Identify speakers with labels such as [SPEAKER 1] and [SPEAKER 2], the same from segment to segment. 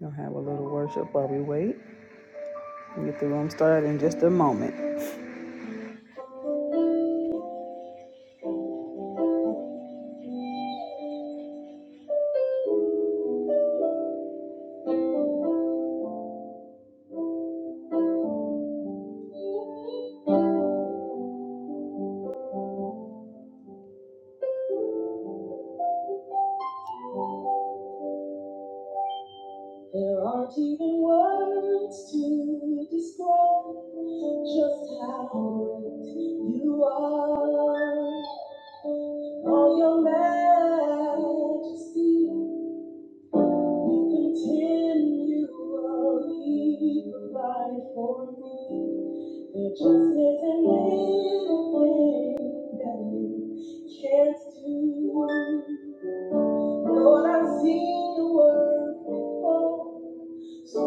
[SPEAKER 1] we to have a little worship while we wait. we get the room started in just a moment. There aren't even words to describe just how great you are. All your majesty, you continually provide for me. There just isn't anything that you can't do. Lord, I've seen your work before, so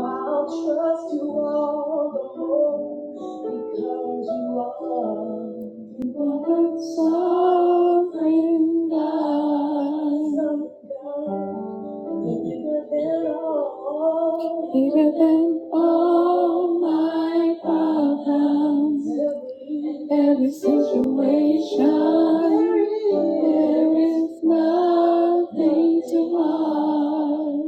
[SPEAKER 1] I'll trust you all the more because you are. So Bigger than all my problems, every situation, there is nothing too hard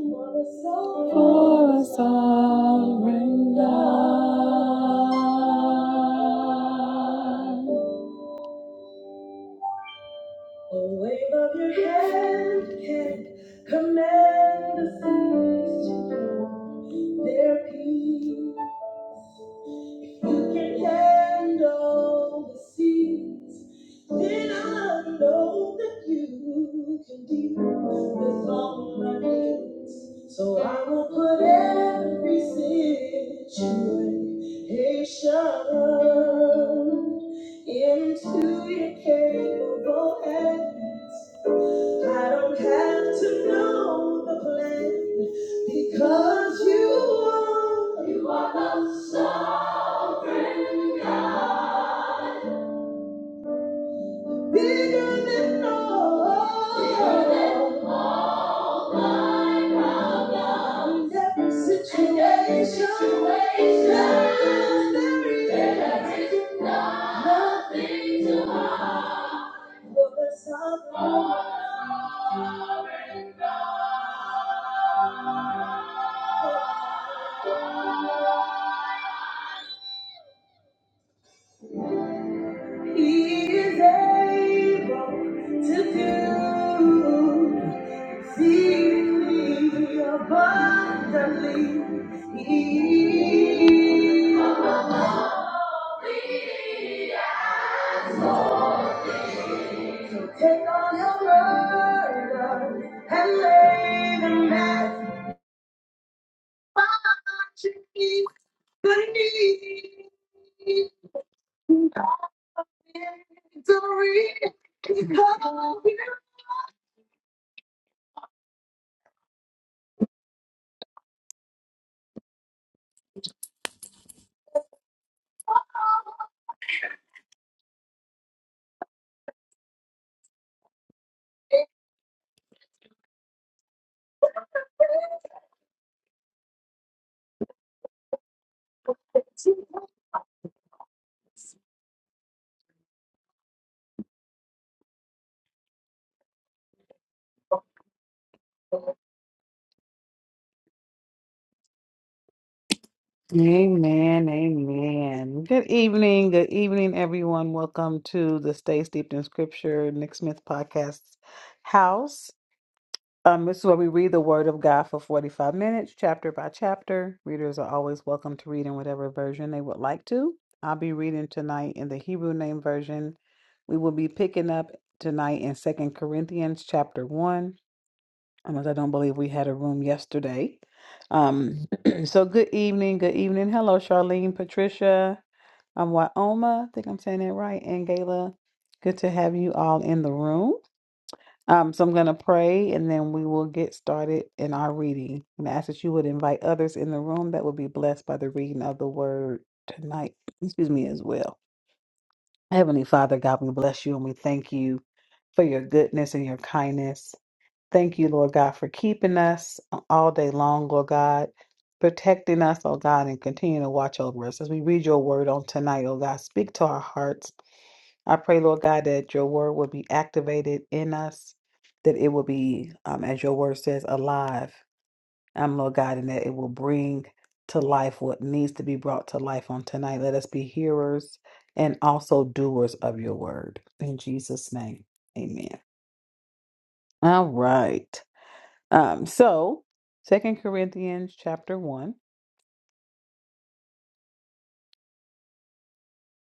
[SPEAKER 1] for a sovereign God. A wave of your hand can command the seas to know their peace. If You can handle the seas. Then I know that you can deal with all my needs. So I will put every situation into your capable hands. I don't have to know the plan because you are. You are the sovereign God. Bigger than all. Bigger than all my problems. Every situation. Every situation. There is there is nothing too hard. For the sovereign. God. He is able to do exceedingly abundantly. He take all your burden and lay them at the Amen. Amen. Good evening. Good evening, everyone. Welcome to the Stay Steeped in Scripture Nick Smith Podcast House. Um, this is where we read the Word of God for 45 minutes, chapter by chapter. Readers are always welcome to read in whatever version they would like to. I'll be reading tonight in the Hebrew Name Version. We will be picking up tonight in Second Corinthians chapter 1, unless I don't believe we had a room yesterday. Um, so good evening, good evening. Hello, Charlene, Patricia, um, Wyoma, I think I'm saying that right, and Gayla. Good to have you all in the room. Um, so I'm going to pray and then we will get started in our reading. And I ask that you would invite others in the room that will be blessed by the reading of the word tonight. Excuse me as well. Heavenly Father, God, we bless you and we thank you for your goodness and your kindness. Thank you, Lord God, for keeping us all day long, Lord God, protecting us, oh God, and continue to watch over us. As we read your word on tonight, oh God, speak to our hearts I pray, Lord God, that your word will be activated in us, that it will be, um, as your word says, alive. Um, Lord God, and that it will bring to life what needs to be brought to life on tonight. Let us be hearers and also doers of your word. In Jesus' name, amen. All right. Um, so, Second Corinthians chapter 1.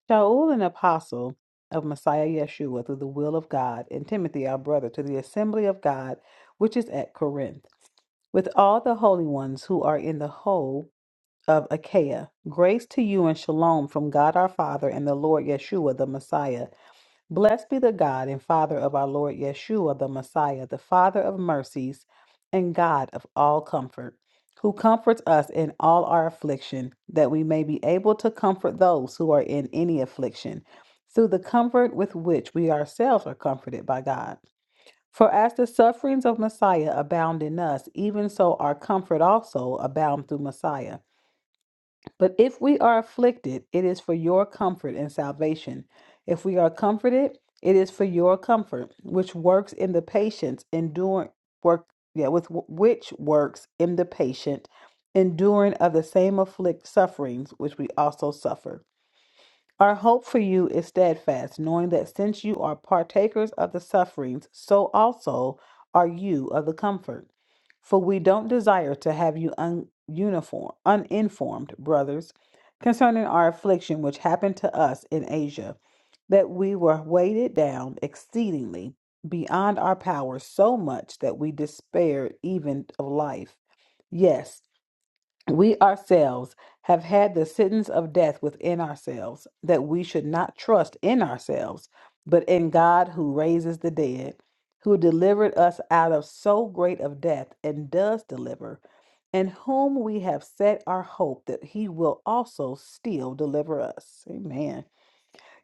[SPEAKER 1] Shaul, an apostle of Messiah Yeshua through the will of God, and Timothy, our brother, to the assembly of God which is at Corinth with all the holy ones who are in the whole of Achaia. Grace to you and shalom from God our Father and the Lord Yeshua the Messiah. Blessed be the God and Father of our Lord Yeshua the Messiah, the Father of mercies and God of all comfort, who comforts us in all our affliction, that we may be able to comfort those who are in any affliction, through the comfort with which we ourselves are comforted by God. For as the sufferings of Messiah abound in us, even so our comfort also abound through Messiah. But if we are afflicted, it is for your comfort and salvation. If we are comforted, it is for your comfort, which works in the patience, enduring work, yeah, with which works in the patient, enduring of the same afflict sufferings which we also suffer. Our hope for you is steadfast, knowing that since you are partakers of the sufferings, so also are you of the comfort. For we don't desire to have you un- uniform, uninformed, brothers, concerning our affliction which happened to us in Asia, that we were weighted down exceedingly beyond our power so much that we despaired even of life. Yes. We ourselves have had the sentence of death within ourselves, that we should not trust in ourselves, but in God who raises the dead, who delivered us out of so great of death and does deliver, in whom we have set our hope that he will also still deliver us. Amen.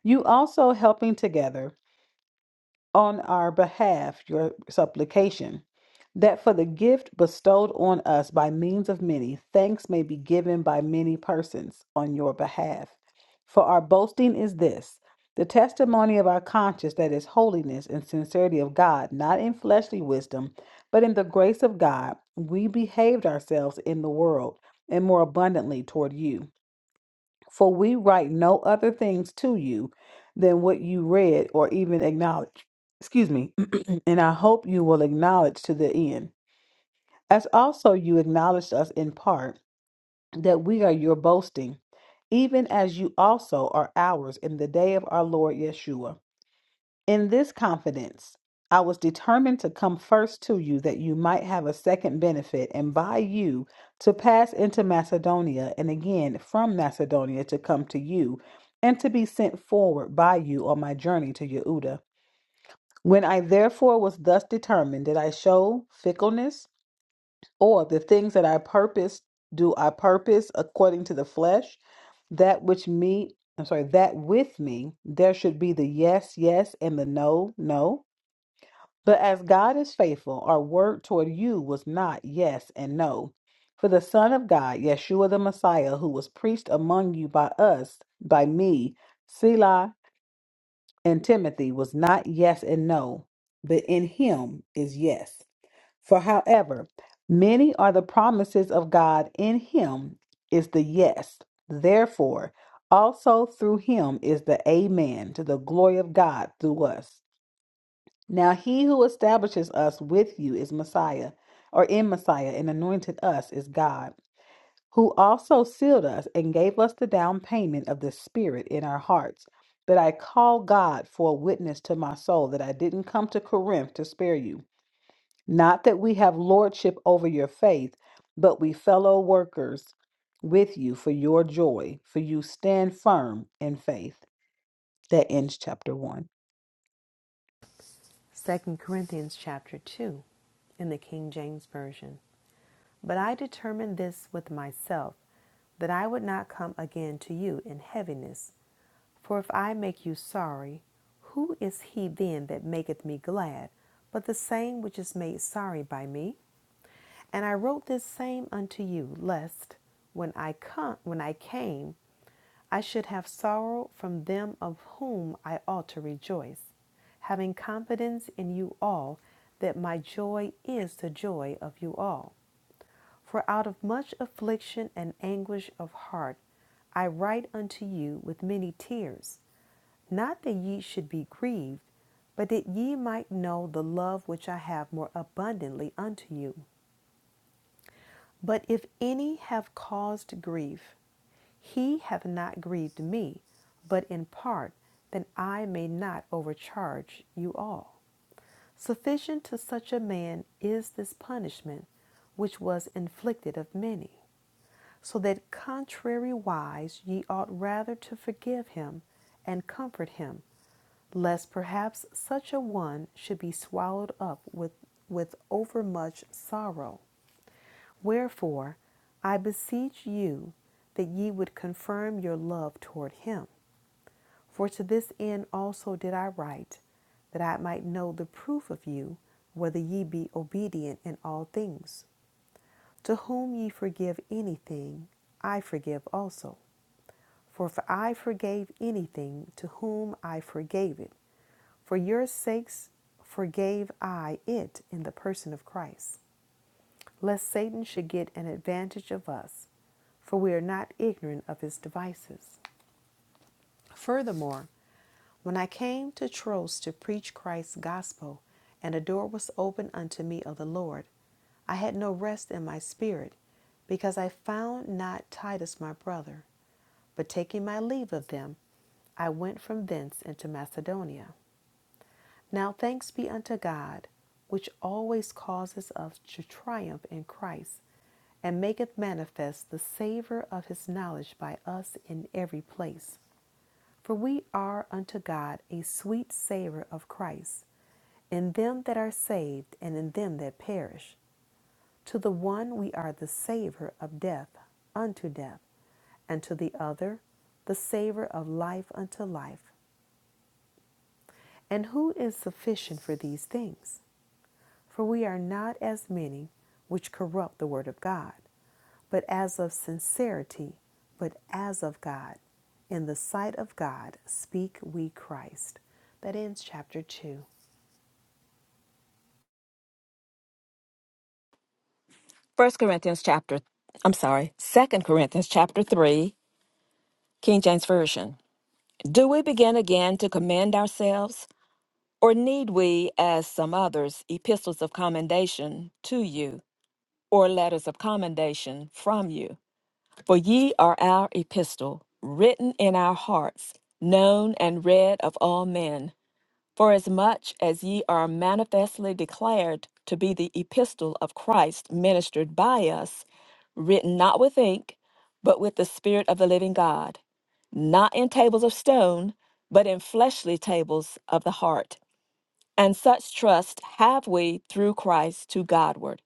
[SPEAKER 1] You also helping together on our behalf your supplication, that for the gift bestowed on us by means of many, thanks may be given by many persons on your behalf. For our boasting is this the testimony of our conscience that is holiness and sincerity of God, not in fleshly wisdom, but in the grace of God, we behaved ourselves in the world and more abundantly toward you. For we write no other things to you than what you read or even acknowledge excuse me, and I hope you will acknowledge to the end, as also you acknowledged us in part, that we are your boasting, even as you also are ours in the day of our Lord Yeshua. In this confidence, I was determined to come first to you that you might have a second benefit, and by you to pass into Macedonia, and again from Macedonia to come to you, and to be sent forward by you on my journey to Yehuda when I therefore was thus determined, did I show fickleness, or the things that I purpose, do I purpose according to the flesh? That which me, I'm sorry, that with me there should be the yes, yes, and the no, no. But as God is faithful, our word toward you was not yes and no. For the Son of God, Yeshua the Messiah, who was preached among you by us, by me, Selah and Timothy was not yes and no, but in him is yes. For however, many are the promises of God, in him is the yes. Therefore, also through him is the amen to the glory of God through us. Now he who establishes us with you is Messiah, or in Messiah, and anointed us is God who also sealed us and gave us the down payment of the Spirit in our hearts. But I call God for a witness to my soul that I didn't come to Corinth to spare you. Not that we have lordship over your faith, but we fellow workers with you for your joy, for you stand firm in faith. That ends chapter one.
[SPEAKER 2] 2 Corinthians chapter 2 in the King James Version. But I determined this with myself, that I would not come again to you in heaviness. For if I make you sorry, who is he then that maketh me glad, but the same which is made sorry by me? And I wrote this same unto you, lest when I come when I came, I should have sorrow from them of whom I ought to rejoice, having confidence in you all that my joy is the joy of you all. For out of much affliction and anguish of heart I write unto you with many tears, not that ye should be grieved, but that ye might know the love which I have more abundantly unto you. But if any have caused grief, he hath not grieved me, but in part, that I may not overcharge you all. Sufficient to such a man is this punishment which was inflicted of many so that contrariwise ye ought rather to forgive him and comfort him, lest perhaps such a one should be swallowed up with, with overmuch sorrow. Wherefore, I beseech you that ye would confirm your love toward him. For to this end also did I write, that I might know the proof of you, whether ye be obedient in all things. To whom ye forgive anything, I forgive also. For if I forgave anything, to whom I forgave it, for your sakes forgave I it in the person of Christ, lest Satan should get an advantage of us, for we are not ignorant of his devices. Furthermore, when I came to Troas to preach Christ's gospel, and a door was opened unto me of the Lord, I had no rest in my spirit, because I found not Titus my brother. But taking my leave of them, I went from thence into Macedonia. Now thanks be unto God, which always causes us to triumph in Christ, and maketh manifest the savor of his knowledge by us in every place. For we are unto God a sweet savour of Christ, in them that are saved and in them that perish. To the one we are the savour of death unto death, and to the other the savour of life unto life. And who is sufficient for these things? For we are not as many which corrupt the word of God, but as of sincerity, but as of God. In the sight of God speak we Christ. That ends chapter 2.
[SPEAKER 3] First Corinthians chapter, I'm sorry, Second Corinthians chapter three, King James Version. Do we begin again to commend ourselves, or need we, as some others, epistles of commendation to you, or letters of commendation from you? For ye are our epistle, written in our hearts, known and read of all men for as much as ye are manifestly declared to be the epistle of Christ ministered by us, written not with ink, but with the Spirit of the living God, not in tables of stone, but in fleshly tables of the heart. And such trust have we through Christ to Godward.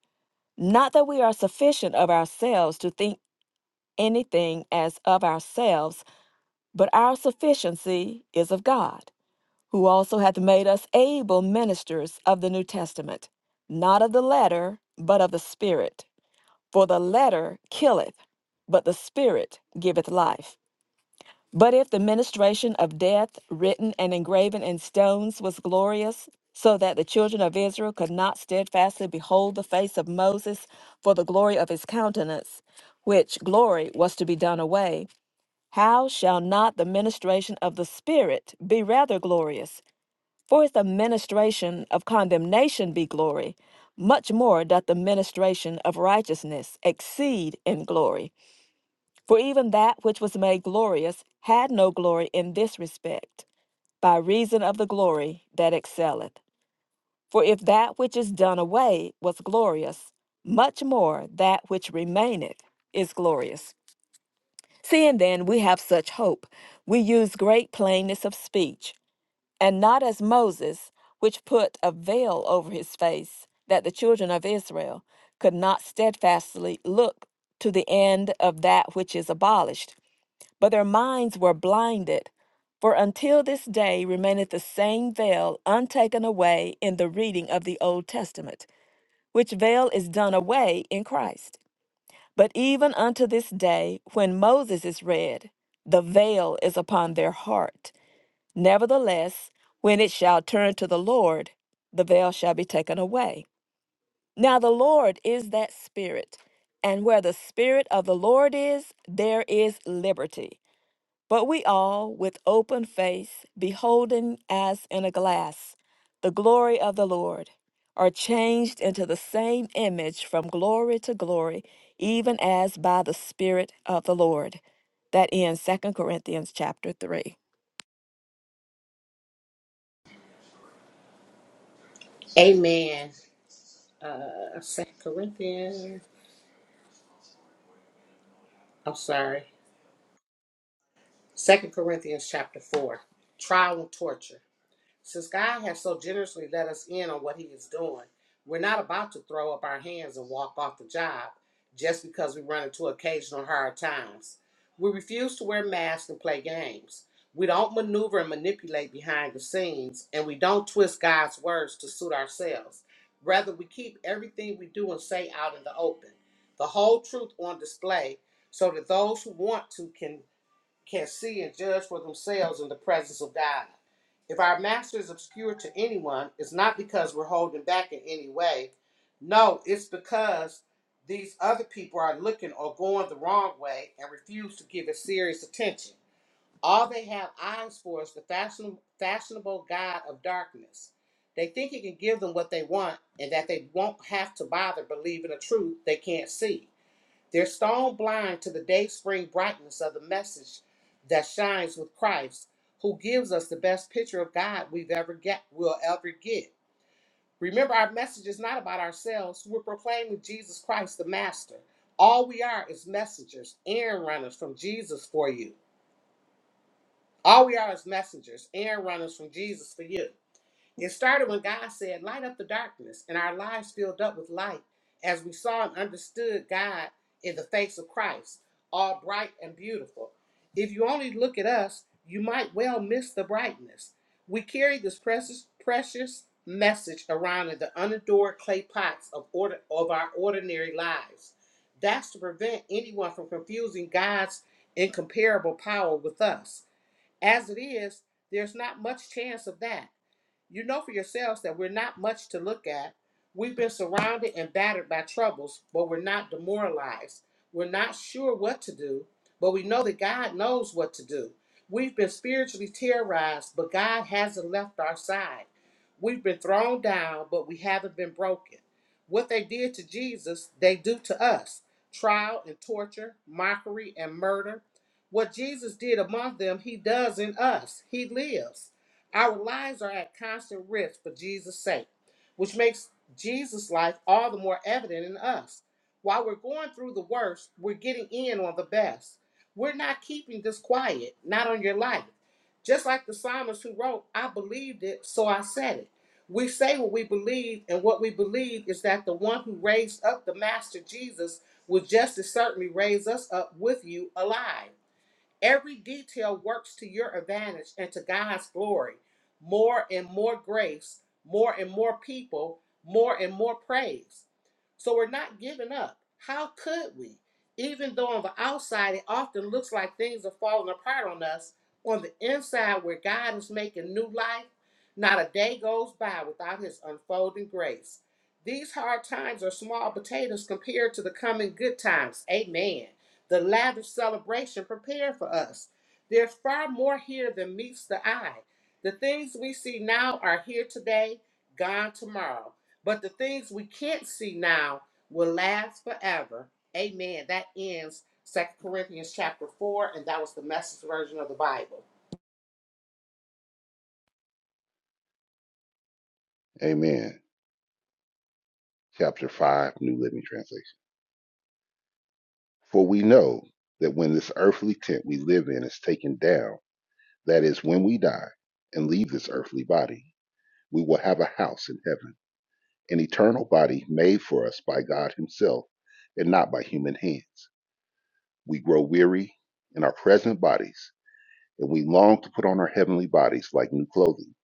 [SPEAKER 3] Not that we are sufficient of ourselves to think anything as of ourselves, but our sufficiency is of God who also hath made us able ministers of the New Testament, not of the letter, but of the Spirit. For the letter killeth, but the Spirit giveth life. But if the ministration of death, written and engraven in stones, was glorious, so that the children of Israel could not steadfastly behold the face of Moses for the glory of his countenance, which glory was to be done away, how shall not the ministration of the Spirit be rather glorious? For if the ministration of condemnation be glory, much more doth the ministration of righteousness exceed in glory. For even that which was made glorious had no glory in this respect, by reason of the glory that excelleth. For if that which is done away was glorious, much more that which remaineth is glorious. Seeing then we have such hope, we use great plainness of speech and not as Moses, which put a veil over his face, that the children of Israel could not steadfastly look to the end of that which is abolished, but their minds were blinded. For until this day remaineth the same veil untaken away in the reading of the Old Testament, which veil is done away in Christ. But even unto this day, when Moses is read, the veil is upon their heart. Nevertheless, when it shall turn to the Lord, the veil shall be taken away. Now the Lord is that Spirit, and where the Spirit of the Lord is, there is liberty. But we all, with open face, beholding as in a glass the glory of the Lord, are changed into the same image from glory to glory, even as by the Spirit of the Lord. That ends Second Corinthians chapter 3.
[SPEAKER 4] Amen. Uh, Second Corinthians. I'm sorry. Second Corinthians chapter four. Trial and torture. Since God has so generously let us in on what He is doing, we're not about to throw up our hands and walk off the job just because we run into occasional hard times. We refuse to wear masks and play games. We don't maneuver and manipulate behind the scenes, and we don't twist God's words to suit ourselves. Rather, we keep everything we do and say out in the open, the whole truth on display, so that those who want to can can see and judge for themselves in the presence of God. If our master is obscure to anyone, it's not because we're holding back in any way. No, it's because these other people are looking or going the wrong way and refuse to give it serious attention. All they have eyes for is the fashion, fashionable God of darkness. They think he can give them what they want and that they won't have to bother believing a truth they can't see. They're stone blind to the day spring brightness of the message that shines with Christ, who gives us the best picture of God we've ever get will ever get. Remember, our message is not about ourselves. We're proclaiming Jesus Christ the Master. All we are is messengers, errand runners from Jesus for you. All we are is messengers, errand runners from Jesus for you. It started when God said, Light up the darkness, and our lives filled up with light as we saw and understood God in the face of Christ, all bright and beautiful. If you only look at us, you might well miss the brightness. We carry this precious, precious message around in the unadored clay pots of, order, of our ordinary lives. That's to prevent anyone from confusing God's incomparable power with us. As it is, there's not much chance of that you know for yourselves that we're not much to look at. We've been surrounded and battered by troubles, but we're not demoralized. We're not sure what to do, but we know that God knows what to do. We've been spiritually terrorized, but God hasn't left our side. We've been thrown down, but we haven't been broken. What they did to Jesus, they do to us trial and torture, mockery and murder. What Jesus did among them, he does in us. He lives. Our lives are at constant risk for Jesus' sake, which makes Jesus' life all the more evident in us. While we're going through the worst, we're getting in on the best. We're not keeping this quiet, not on your life. Just like the psalmist who wrote, I believed it, so I said it. We say what we believe, and what we believe is that the one who raised up the Master Jesus will just as certainly raise us up with you alive. Every detail works to your advantage and to God's glory. More and more grace, more and more people, more and more praise. So we're not giving up. How could we? Even though on the outside it often looks like things are falling apart on us, on the inside where God is making new life, not a day goes by without his unfolding grace. These hard times are small potatoes compared to the coming good times. Amen the lavish celebration prepared for us. There's far more here than meets the eye. The things we see now are here today, gone tomorrow. But the things we can't see now will last forever. Amen. That ends Second Corinthians chapter 4, and that was the message version of the Bible.
[SPEAKER 5] Amen. Chapter 5, New Living Translation. For we know that when this earthly tent we live in is taken down, that is, when we die and leave this earthly body, we will have a house in heaven, an eternal body made for us by God Himself and not by human hands. We grow weary in our present bodies, and we long to put on our heavenly bodies like new clothing,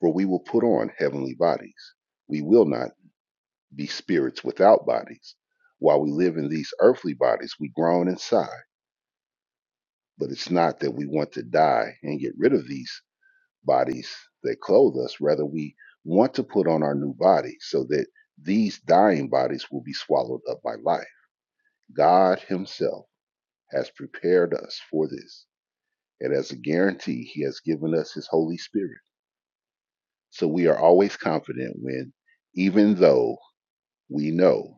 [SPEAKER 5] for we will put on heavenly bodies. We will not be spirits without bodies. While we live in these earthly bodies, we groan and sigh. But it's not that we want to die and get rid of these bodies that clothe us. Rather, we want to put on our new body so that these dying bodies will be swallowed up by life. God Himself has prepared us for this. And as a guarantee, He has given us His Holy Spirit. So we are always confident when, even though we know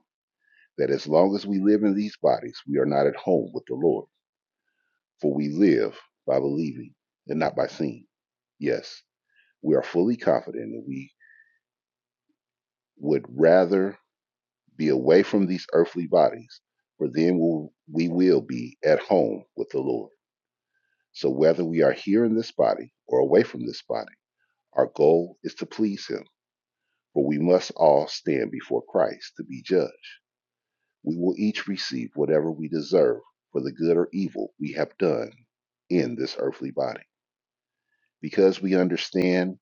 [SPEAKER 5] that as long as we live in these bodies, we are not at home with the Lord, for we live by believing and not by seeing. Yes, we are fully confident and we would rather be away from these earthly bodies, for then we'll, we will be at home with the Lord. So whether we are here in this body or away from this body, our goal is to please Him, for we must all stand before Christ to be judged. We will each receive whatever we deserve for the good or evil we have done in this earthly body. Because we understand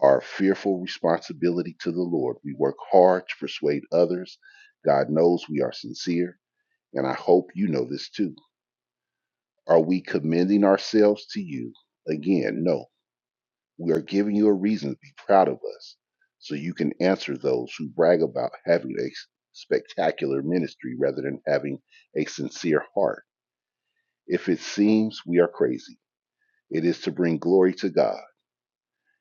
[SPEAKER 5] our fearful responsibility to the Lord, we work hard to persuade others. God knows we are sincere, and I hope you know this too. Are we commending ourselves to you? Again, no. We are giving you a reason to be proud of us so you can answer those who brag about having a spectacular ministry rather than having a sincere heart. If it seems we are crazy, it is to bring glory to God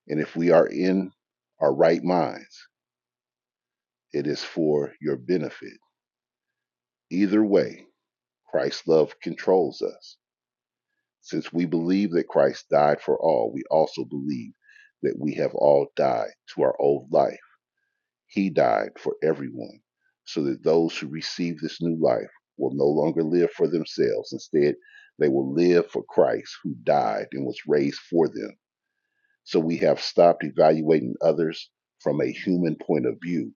[SPEAKER 5] And if we are in our right minds, it is for your benefit. Either way, Christ's love controls us. Since we believe that Christ died for all, we also believe that we have all died to our old life. He died for everyone, so that those who receive this new life will no longer live for themselves. Instead, they will live for Christ who died and was raised for them. So we have stopped evaluating others from a human point of view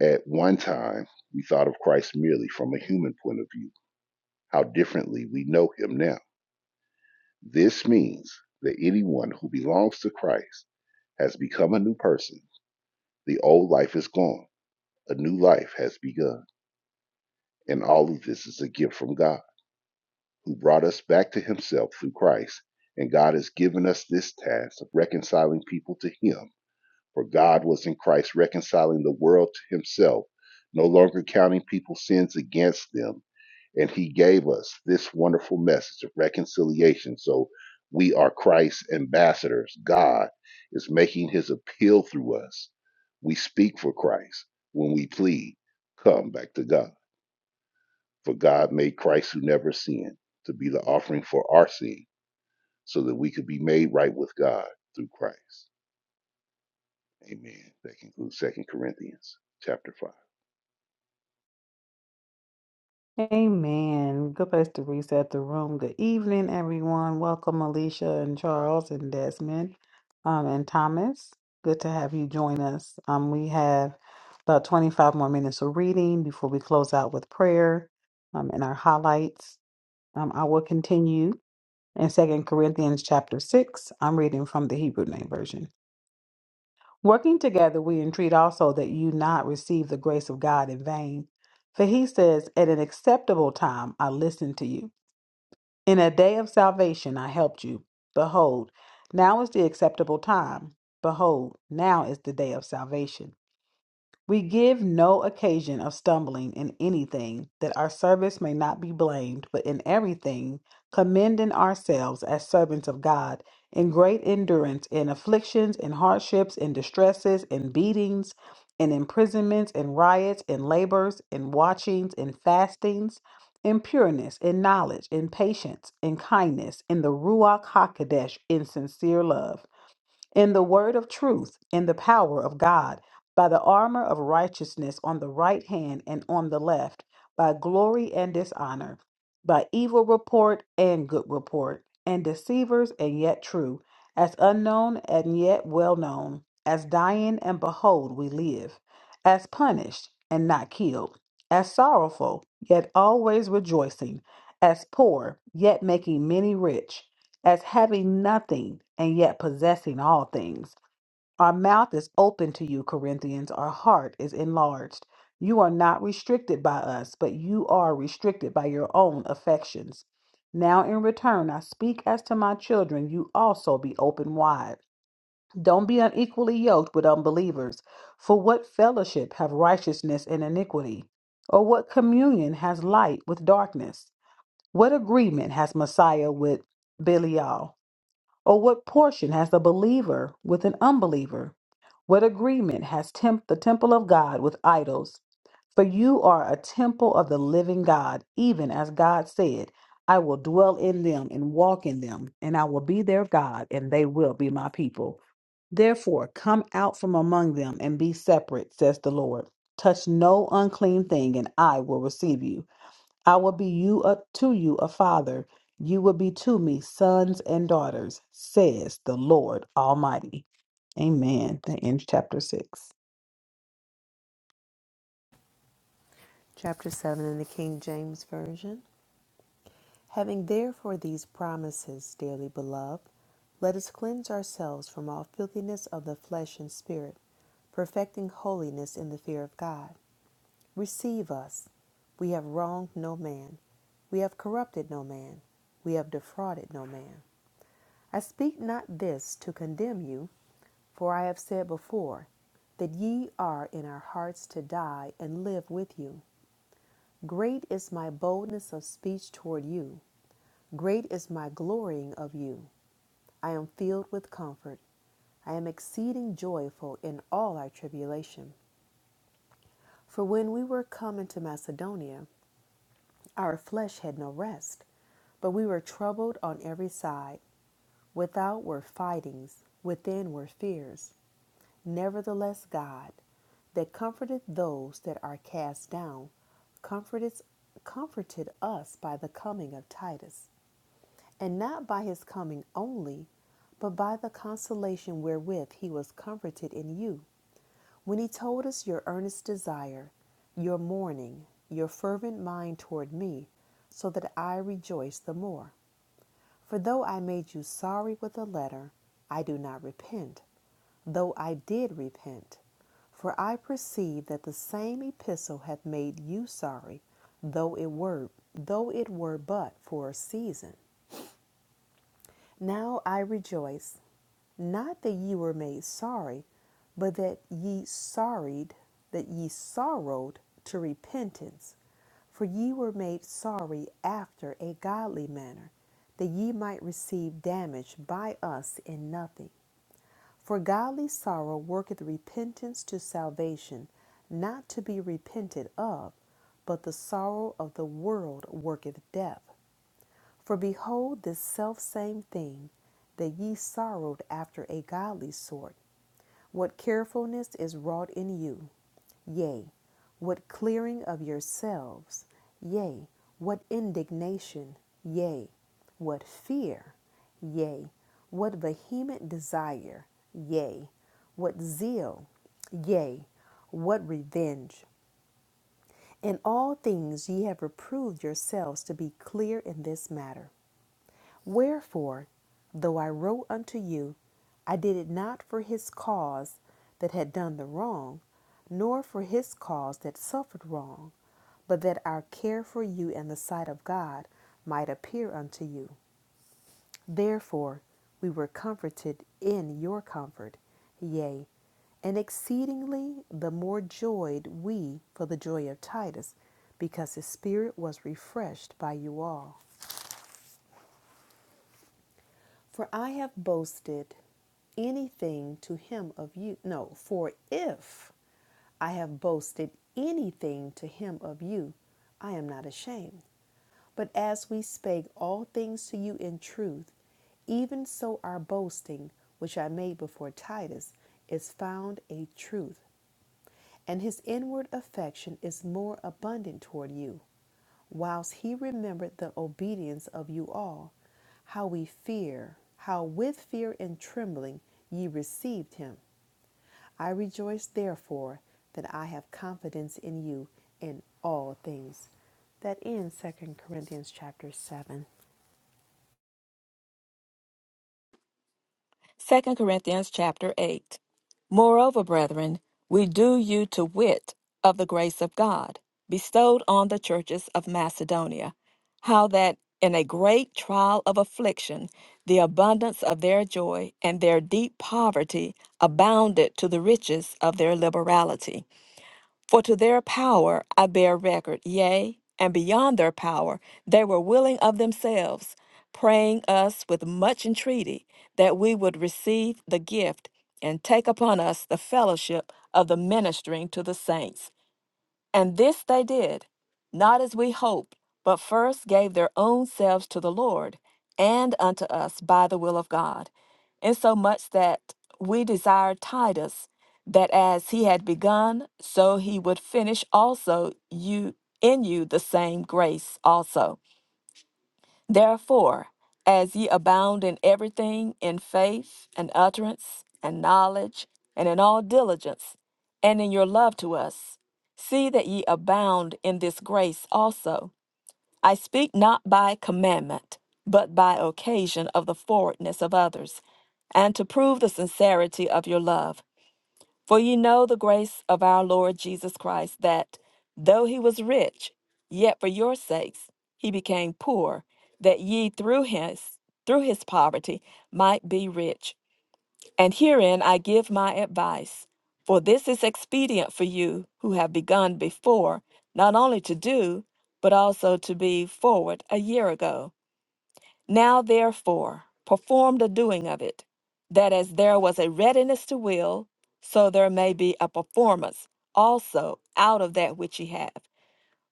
[SPEAKER 5] At one time, we thought of Christ merely from a human point of view, how differently we know him now. This means that anyone who belongs to Christ has become a new person. The old life is gone, a new life has begun. And all of this is a gift from God, who brought us back to himself through Christ. And God has given us this task of reconciling people to him. For God was in Christ reconciling the world to himself, no longer counting people's sins against them and he gave us this wonderful message of reconciliation. So we are Christ's ambassadors. God is making his appeal through us. We speak for Christ when we plead, come back to God. For God made Christ who never sinned to be the offering for our sin so that we could be made right with God through Christ. Amen. That concludes Second Corinthians chapter 5.
[SPEAKER 1] Amen. Good place to reset the room. Good evening, everyone. Welcome, Alicia and Charles and Desmond um, and Thomas. Good to have you join us. Um, we have about 25 more minutes of reading before we close out with prayer um, and our highlights. Um, I will continue in Second Corinthians chapter 6. I'm reading from the Hebrew Name Version. Working together, we entreat also that you not receive the grace of God in vain. For he says, At an acceptable time I listened to you. In a day of salvation I helped you. Behold, now is the acceptable time. Behold, now is the day of salvation. We give no occasion of stumbling in anything, that our service may not be blamed, but in everything, commending ourselves as servants of God, in great endurance, in afflictions, in hardships, in distresses, in beatings, in imprisonments, in riots, in labors, in watchings, in fastings, in pureness, in knowledge, in patience, in kindness, in the Ruach HaKodesh, in sincere love in the word of truth, in the power of God, by the armor of righteousness on the right hand and on the left, by glory and dishonor, by evil report and good report, and deceivers and yet true, as unknown and yet well known, as dying and behold we live, as punished and not killed, as sorrowful yet always rejoicing, as poor yet making many rich as having nothing and yet possessing all things. Our mouth is open to you, Corinthians. Our heart is enlarged. You are not restricted by us, but you are restricted by your own affections. Now, in return, I speak as to my children, you also be open wide. Don't be unequally yoked with unbelievers. For what fellowship have righteousness and iniquity? Or what communion has light with darkness? What agreement has Messiah with Belial? Or what portion has the believer with an unbeliever? What agreement has temp- the temple of God with idols? For you are a temple of the living God, even as God said, I will dwell in them and walk in them, and I will be their God, and they will be my people. Therefore, come out from among them and be separate, says the Lord. Touch no unclean thing, and I will receive you I will be you a, to you a father. You will be to me sons and daughters, says the Lord Almighty. Amen. That ends chapter six.
[SPEAKER 2] Chapter 7 in the King James Version. Having therefore these promises, dearly beloved, let us cleanse ourselves from all filthiness of the flesh and spirit, perfecting holiness in the fear of God. Receive us. We have wronged no man. We have corrupted no man. We have defrauded no man. I speak not this to condemn you, for I have said before that ye are in our hearts to die and live with you. Great is my boldness of speech toward you. Great is my glorying of you. I am filled with comfort. I am exceeding joyful in all our tribulation. For when we were come into Macedonia, Our flesh had no rest, but we were troubled on every side. Without were fightings, within were fears. Nevertheless, God, that comforteth those that are cast down, comforted, comforted us by the coming of Titus and not by his coming only, but by the consolation wherewith he was comforted in you, when he told us your earnest desire, your mourning, your fervent mind toward me, so that I rejoice the more. For though I made you sorry with a letter, I do not repent, though I did repent. For I perceive that the same epistle hath made you sorry, though it were though it were but for a season now I rejoice, not that ye were made sorry, but that ye sorried, that ye sorrowed to repentance. For ye were made sorry after a godly manner, that ye might receive damage by us in nothing. For godly sorrow worketh repentance to salvation, not to be repented of, but the sorrow of the world worketh death. For behold, this selfsame thing that ye sorrowed after a godly sort, what carefulness is wrought in you, yea, what clearing of yourselves, yea, what indignation, yea, what fear, yea, what vehement desire, yea, what zeal, yea, what revenge. In all things ye have reproved yourselves to be clear in this matter. Wherefore, though I wrote unto you, I did it not for his cause that had done the wrong, nor for his cause that suffered wrong, but that our care for you in the sight of God might appear unto you. Therefore, we were comforted in your comfort, yea, and exceedingly the more joyed we for the joy of Titus, because his spirit was refreshed by you all. For I have boasted anything to him of you. No, for if I have boasted anything to him of you, I am not ashamed. But as we spake all things to you in truth, even so our boasting, which I made before Titus, is found a truth and his inward affection is more abundant toward you, whilst he remembered the obedience of you all, how we fear, how with fear and trembling ye received him. I rejoice therefore that I have confidence in you in all things. That ends Second Corinthians chapter 7.
[SPEAKER 3] Second Corinthians chapter 8. Moreover, brethren, we do you to wit of the grace of God bestowed on the churches of Macedonia, how that in a great trial of affliction, the abundance of their joy and their deep poverty abounded to the riches of their liberality. For to their power I bear record, yea, and beyond their power, they were willing of themselves, praying us with much entreaty that we would receive the gift and take upon us the fellowship of the ministering to the saints. And this they did, not as we hoped, but first gave their own selves to the Lord and unto us by the will of God, insomuch that we desired Titus, that as he had begun, so he would finish also you in you the same grace also. Therefore, as ye abound in everything, in faith and utterance and knowledge, and in all diligence, and in your love to us, see that ye abound in this grace also. I speak not by commandment, but by occasion of the forwardness of others, and to prove the sincerity of your love. For ye know the grace of our Lord Jesus Christ, that though he was rich, yet for your sakes he became poor, that ye through his through his poverty might be rich. And herein I give my advice, for this is expedient for you who have begun before, not only to do, but also to be forward a year ago. Now, therefore, perform the doing of it, that as there was a readiness to will, so there may be a performance also out of that which ye have.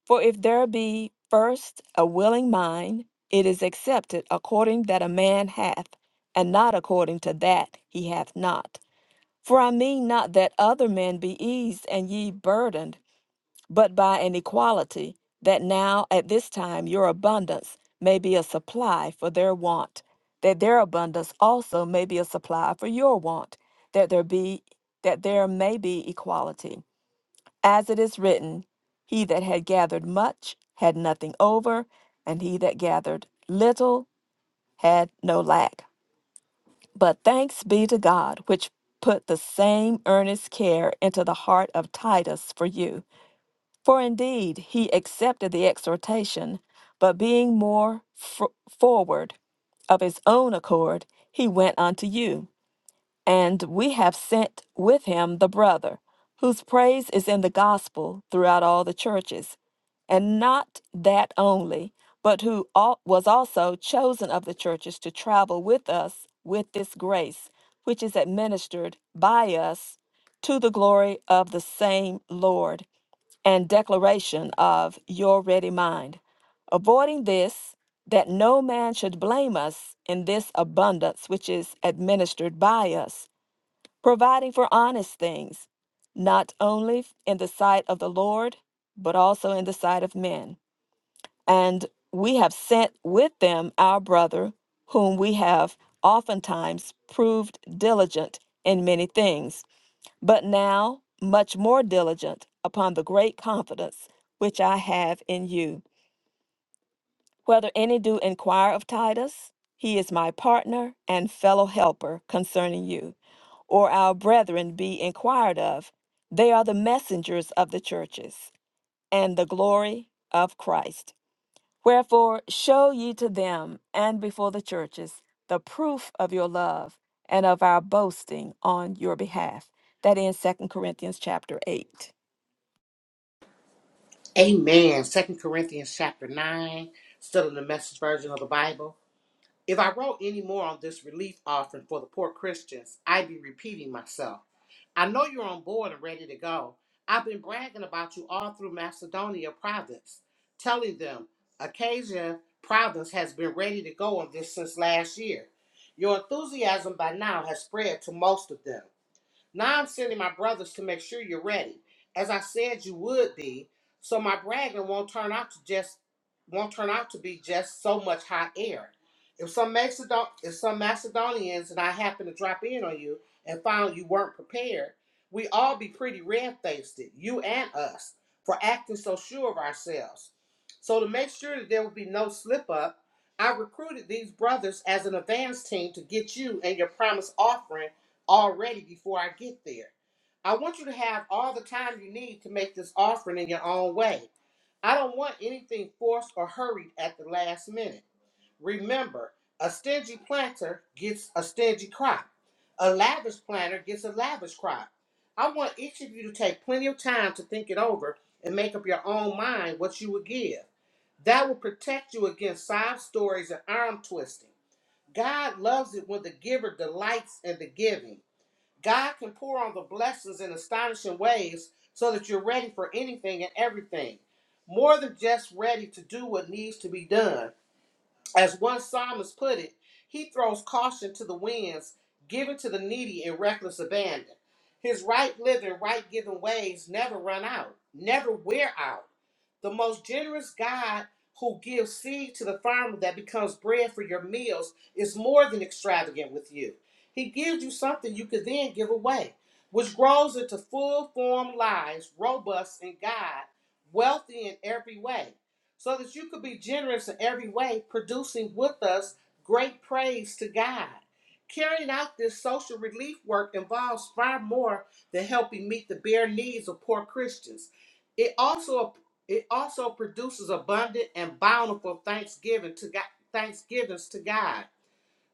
[SPEAKER 3] For if there be first a willing mind, it is accepted according that a man hath, and not according to that he hath not. For I mean not that other men be eased and ye burdened, but by an equality, that now at this time your abundance may be a supply for their want, that their abundance also may be a supply for your want, that there be that there may be equality. As it is written, he that had gathered much had nothing over, and he that gathered little had no lack. But thanks be to God, which put the same earnest care into the heart of Titus for you for indeed he accepted the exhortation, but being more f- forward of his own accord, he went unto you. And we have sent with him the brother, whose praise is in the gospel throughout all the churches. And not that only, but who al- was also chosen of the churches to travel with us with this grace, which is administered by us to the glory of the same Lord and declaration of your ready mind. Avoiding this, that no man should blame us in this abundance which is administered by us, providing for honest things, not only in the sight of the Lord, but also in the sight of men. And we have sent with them our brother, whom we have oftentimes proved diligent in many things but now, much more diligent upon the great confidence which I have in you. Whether any do inquire of Titus, he is my partner and fellow helper concerning you, or our brethren be inquired of, they are the messengers of the churches, and the glory of Christ. Wherefore, show ye to them and before the churches the proof of your love and of our boasting on your behalf. That in Second Corinthians chapter 8.
[SPEAKER 4] Amen. Second Corinthians chapter 9, still in the message version of the Bible. If I wrote any more on this relief offering for the poor Christians, I'd be repeating myself. I know you're on board and ready to go. I've been bragging about you all through Macedonia province, telling them Acacia province has been ready to go on this since last year. Your enthusiasm by now has spread to most of them. Now I'm sending my brothers to make sure you're ready, as I said you would be. So my bragging won't turn out to just won't turn out to be just so much hot air. If some Macedon if some Macedonians and I happen to drop in on you and found you weren't prepared, we all be pretty red faced, you and us, for acting so sure of ourselves. So to make sure that there would be no slip up, I recruited these brothers as an advance team to get you and your promised offering already before I get there. I want you to have all the time you need to make this offering in your own way. I don't want anything forced or hurried at the last minute. Remember, a stingy planter gets a stingy crop. A lavish planter gets a lavish crop. I want each of you to take plenty of time to think it over and make up your own mind what you would give. That will protect you against sob stories and arm twisting. God loves it when the giver delights in the giving. God can pour on the blessings in astonishing ways so that you're ready for anything and everything, more than just ready to do what needs to be done. As one psalmist put it, he throws caution to the winds, giving to the needy in reckless abandon. His right living, right giving ways never run out, never wear out. The most generous God who gives seed to the farmer that becomes bread for your meals is more than extravagant with you. He gives you something you could then give away, which grows into full formed lives, robust in God, wealthy in every way so that you could be generous in every way, producing with us great praise to God. Carrying out this social relief work involves far more than helping meet the bare needs of poor Christians. It also it also produces abundant and bountiful thanksgiving to God, thanksgivings to God.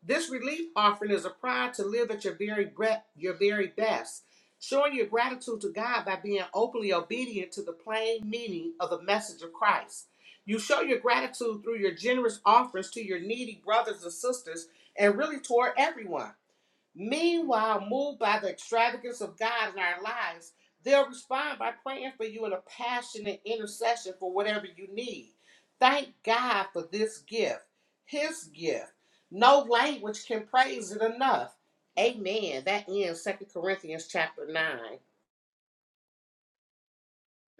[SPEAKER 4] This relief offering is a pride to live at your very breath, your very best, showing your gratitude to God by being openly obedient to the plain meaning of the message of Christ. You show your gratitude through your generous offerings to your needy brothers and sisters and really toward everyone. Meanwhile, moved by the extravagance of God in our lives, they'll respond by praying for you in a passionate intercession for whatever you need. Thank God for this gift, His gift. No language can praise it enough. Amen. That ends Second Corinthians chapter 9.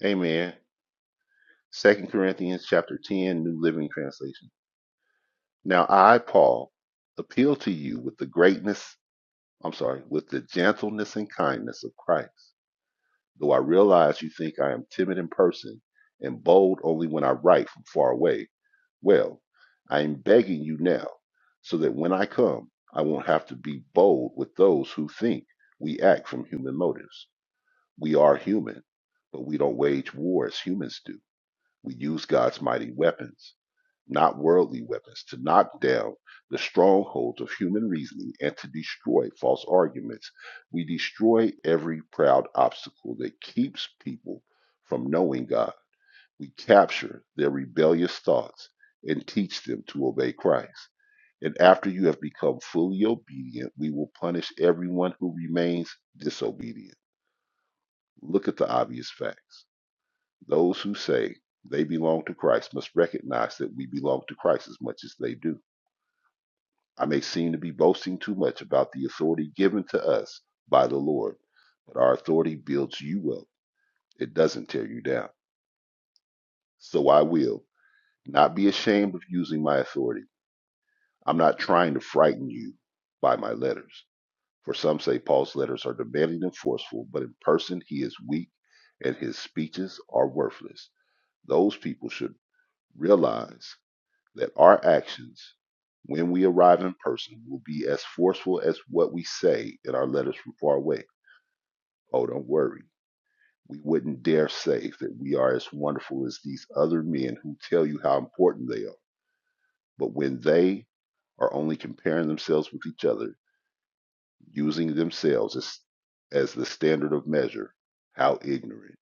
[SPEAKER 5] Amen. Second Corinthians chapter 10, New Living Translation. Now I, Paul, appeal to you with the greatness, I'm sorry, with the gentleness and kindness of Christ, though I realize you think I am timid in person and bold only when I write from far away. Well, I am begging you now, so that when I come, I won't have to be bold with those who think we act from human motives. We are human, but we don't wage war as humans do. We use God's mighty weapons not worldly weapons, to knock down the strongholds of human reasoning and to destroy false arguments. We destroy every proud obstacle that keeps people from knowing God. We capture their rebellious thoughts and teach them to obey Christ. And after you have become fully obedient, we will punish everyone who remains disobedient. Look at the obvious facts. Those who say they belong to Christ must recognize that we belong to Christ as much as they do I may seem to be boasting too much about the authority given to us by the Lord, but our authority builds you up. It doesn't tear you down. So I will not be ashamed of using my authority. I'm not trying to frighten you by my letters. For some say Paul's letters are demanding and forceful, but in person he is weak and his speeches are worthless. Those people should realize that our actions, when we arrive in person, will be as forceful as what we say in our letters from far away. Oh, don't worry. We wouldn't dare say that we are as wonderful as these other men who tell you how important they are. But when they are only comparing themselves with each other, using themselves as, as the standard of measure, how ignorant.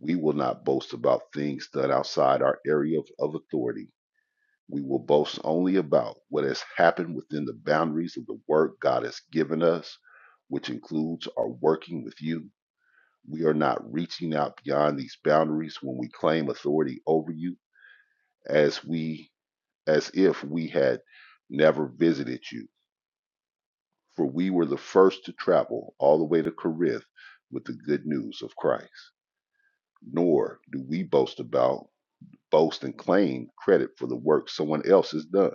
[SPEAKER 5] We will not boast about things done outside our area of, of authority We will boast only about what has happened within the boundaries of the work God has given us, which includes our working with you. We are not reaching out beyond these boundaries when we claim authority over you as we as if we had never visited you. For we were the first to travel all the way to Corinth with the good news of Christ. Nor do we boast about, boast and claim credit for the work someone else has done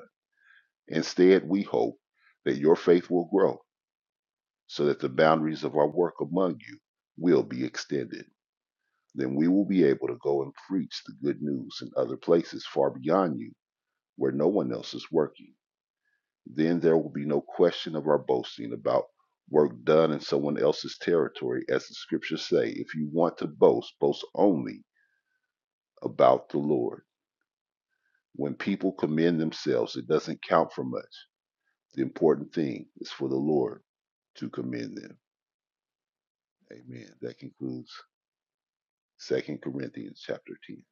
[SPEAKER 5] Instead, we hope that your faith will grow so that the boundaries of our work among you will be extended. Then we will be able to go and preach the good news in other places far beyond you where no one else is working. Then there will be no question of our boasting about work done in someone else's territory. As the scriptures say, if you want to boast, boast only about the Lord. When people commend themselves, it doesn't count for much. The important thing is for the Lord to commend them. Amen. That concludes Second Corinthians chapter 10.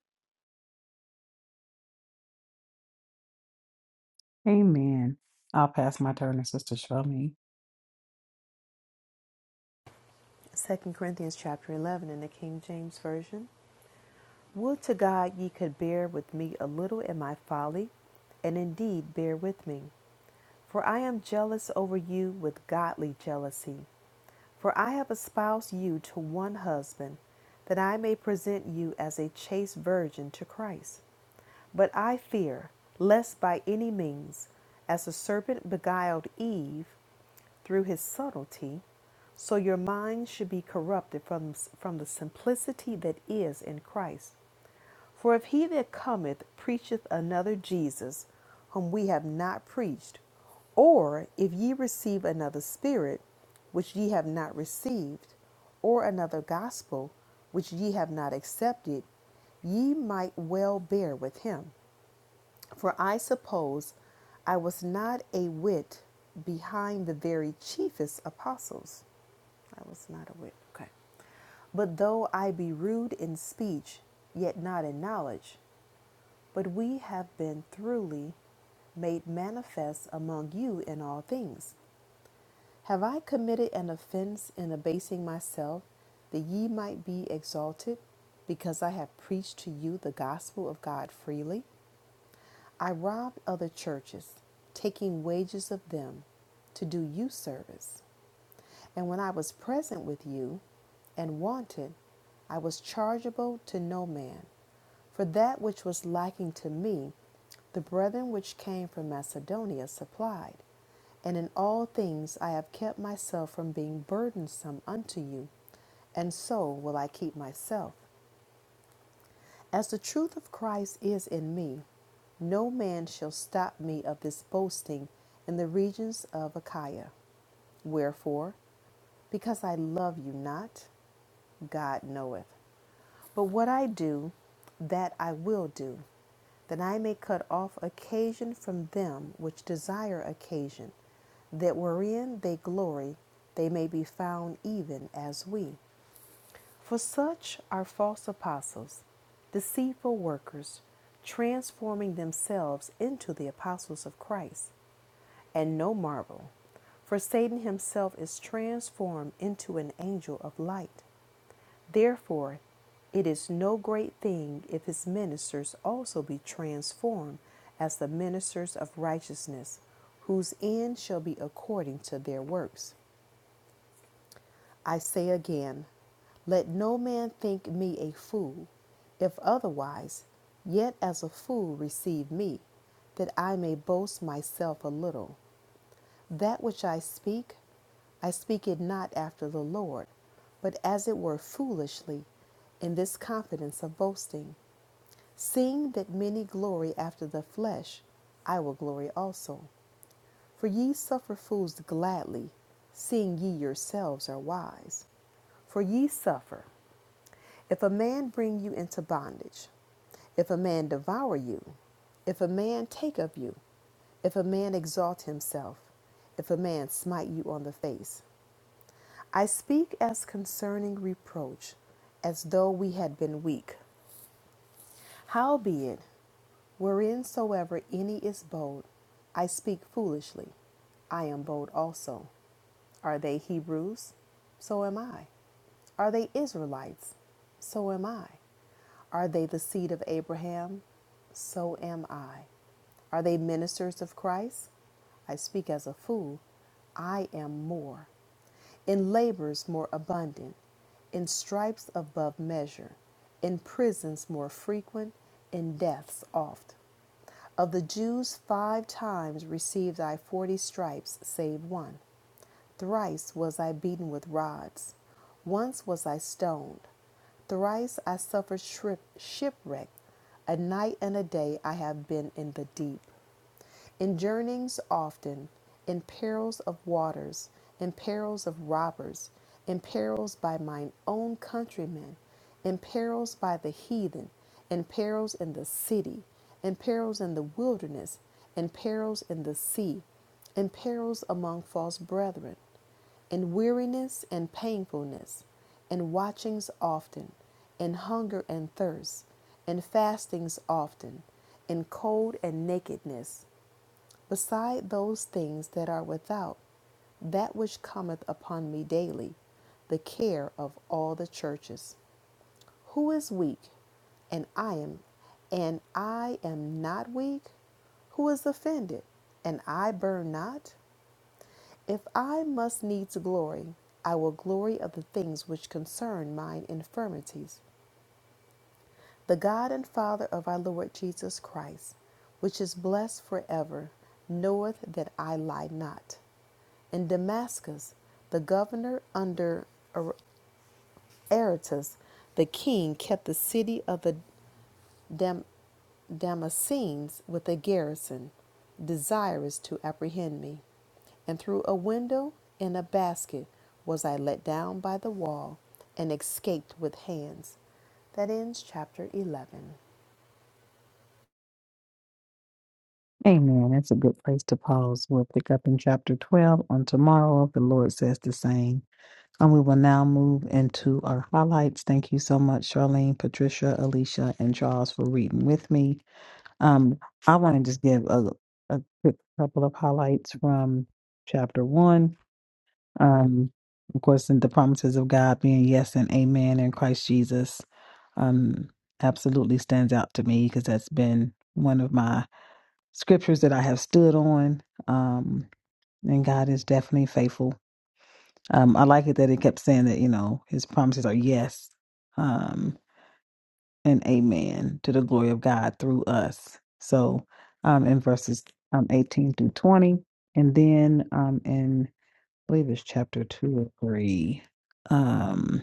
[SPEAKER 1] Amen. I'll pass my turn to Sister Shrami.
[SPEAKER 2] 2 Corinthians chapter 11 in the King James Version. Would to God ye could bear with me a little in my folly, and indeed bear with me. For I am jealous over you with godly jealousy. For I have espoused you to one husband, that I may present you as a chaste virgin to Christ. But I fear, lest by any means, as the serpent beguiled Eve through his subtlety, so your minds should be corrupted from, from the simplicity that is in Christ. For if he that cometh preacheth another Jesus, whom we have not preached, or if ye receive another Spirit, which ye have not received, or another gospel, which ye have not accepted, ye might well bear with him. For I suppose I was not a whit behind the very chiefest apostles. I was not a whit. Okay. But though I be rude in speech, yet not in knowledge, but we have been throughly made manifest among you in all things. Have I committed an offense in abasing myself, that ye might be exalted, because I have preached to you the gospel of God freely? I robbed other churches, taking wages of them to do you service. And when I was present with you and wanted, I was chargeable to no man. For that which was liking to me, the brethren which came from Macedonia supplied. And in all things I have kept myself from being burdensome unto you, and so will I keep myself. As the truth of Christ is in me, no man shall stop me of this boasting in the regions of Achaia. Wherefore, because I love you not, God knoweth. But what I do, that I will do, that I may cut off occasion from them which desire occasion, that wherein they glory, they may be found even as we. For such are false apostles, deceitful workers, transforming themselves into the apostles of Christ. And no marvel, for Satan himself is transformed into an angel of light. Therefore, it is no great thing if his ministers also be transformed as the ministers of righteousness, whose end shall be according to their works. I say again, let no man think me a fool. If otherwise, yet as a fool receive me, that I may boast myself a little. That which I speak, I speak it not after the Lord, but as it were foolishly, in this confidence of boasting. Seeing that many glory after the flesh, I will glory also. For ye suffer fools gladly, seeing ye yourselves are wise. For ye suffer, if a man bring you into bondage, if a man devour you, if a man take of you, if a man exalt himself, if a man smite you on the face. I speak as concerning reproach, as though we had been weak. Howbeit, whereinsoever any is bold, I speak foolishly. I am bold also. Are they Hebrews? So am I. Are they Israelites? So am I. Are they the seed of Abraham? So am I. Are they ministers of Christ? I speak as a fool. I am more in labors more abundant, in stripes above measure, in prisons more frequent, in deaths oft. Of the Jews, five times received I forty stripes, save one. Thrice was I beaten with rods. Once was I stoned. Thrice I suffered shipwreck. A night and a day I have been in the deep. In journeyings often, in perils of waters, in perils of robbers, in perils by mine own countrymen, in perils by the heathen, in perils in the city, in perils in the wilderness, in perils in the sea, in perils among false brethren and weariness and painfulness, and watchings often, and hunger and thirst, and fastings often, and cold and nakedness, beside those things that are without, that which cometh upon me daily, the care of all the churches. Who is weak, and I am, and I am not weak? Who is offended, and I burn not? If I must needs glory, I will glory of the things which concern mine infirmities. The God and Father of our Lord Jesus Christ, which is blessed forever, knoweth that I lie not. In Damascus, the governor under Aretas, the king, kept the city of the Dam- Damascenes with a garrison, desirous to apprehend me. And through a window in a basket was I let down by the wall and escaped with hands. That ends chapter 11.
[SPEAKER 1] Amen. That's a good place to pause. We'll pick up in chapter 12 on tomorrow if the Lord says the same. And we will now move into our highlights. Thank you so much, Charlene, Patricia, Alicia, and Charles for reading with me. Um, I want to just give a, a quick couple of highlights from chapter one. Um, of course, in the promises of God being yes and amen in Christ Jesus, um, absolutely stands out to me because that's been one of my scriptures that I have stood on. Um, and God is definitely faithful. Um, I like it that it kept saying that you know His promises are yes. Um and amen to the glory of God through us. So um, in verses um, 18 through 20, and then um, in, I believe it's chapter 2 or 3, um,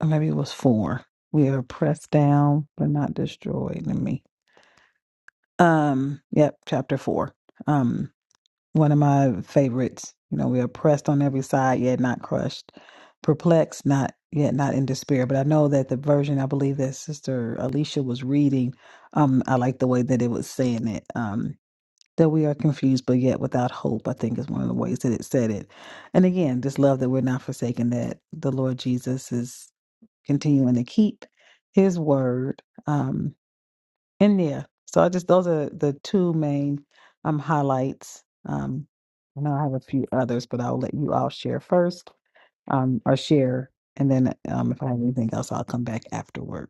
[SPEAKER 1] or maybe it was 4. We are pressed down, but not destroyed. Let me. Um, yep, chapter 4. Um, one of my favorites. You know, we are pressed on every side, yet not crushed, perplexed, not yet not in despair. But I know that the version I believe that Sister Alicia was reading, um, I like the way that it was saying it. Um, that we are confused, but yet without hope. I think is one of the ways that it said it. And again, just love that we're not forsaken. That the Lord Jesus is continuing to keep His word. Um, India. So I just those are the two main um highlights. Um I know I have a few others, but I'll let you all share first, um, or share, and then um if I have anything else, I'll come back afterward.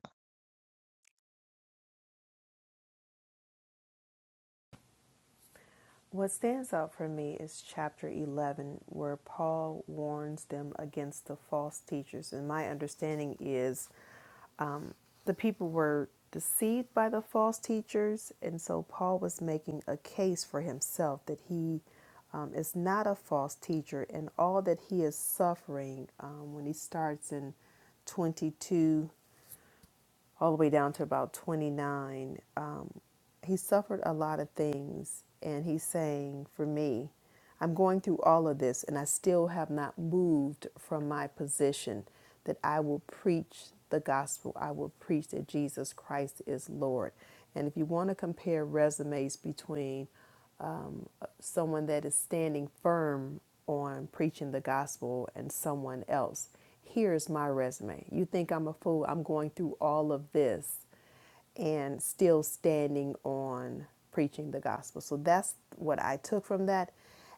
[SPEAKER 2] What stands out for me is chapter 11, where Paul warns them against the false teachers. And my understanding is um, the people were deceived by the false teachers, and so Paul was making a case for himself that he um, is not a false teacher, and all that he is suffering um, when he starts in 22 all the way down to about 29, um, he suffered a lot of things. And he's saying, For me, I'm going through all of this, and I still have not moved from my position that I will preach the gospel. I will preach that Jesus Christ is Lord. And if you want to compare resumes between um, someone that is standing firm on preaching the gospel and someone else. Here's my resume. You think I'm a fool? I'm going through all of this and still standing on preaching the gospel. So that's what I took from that.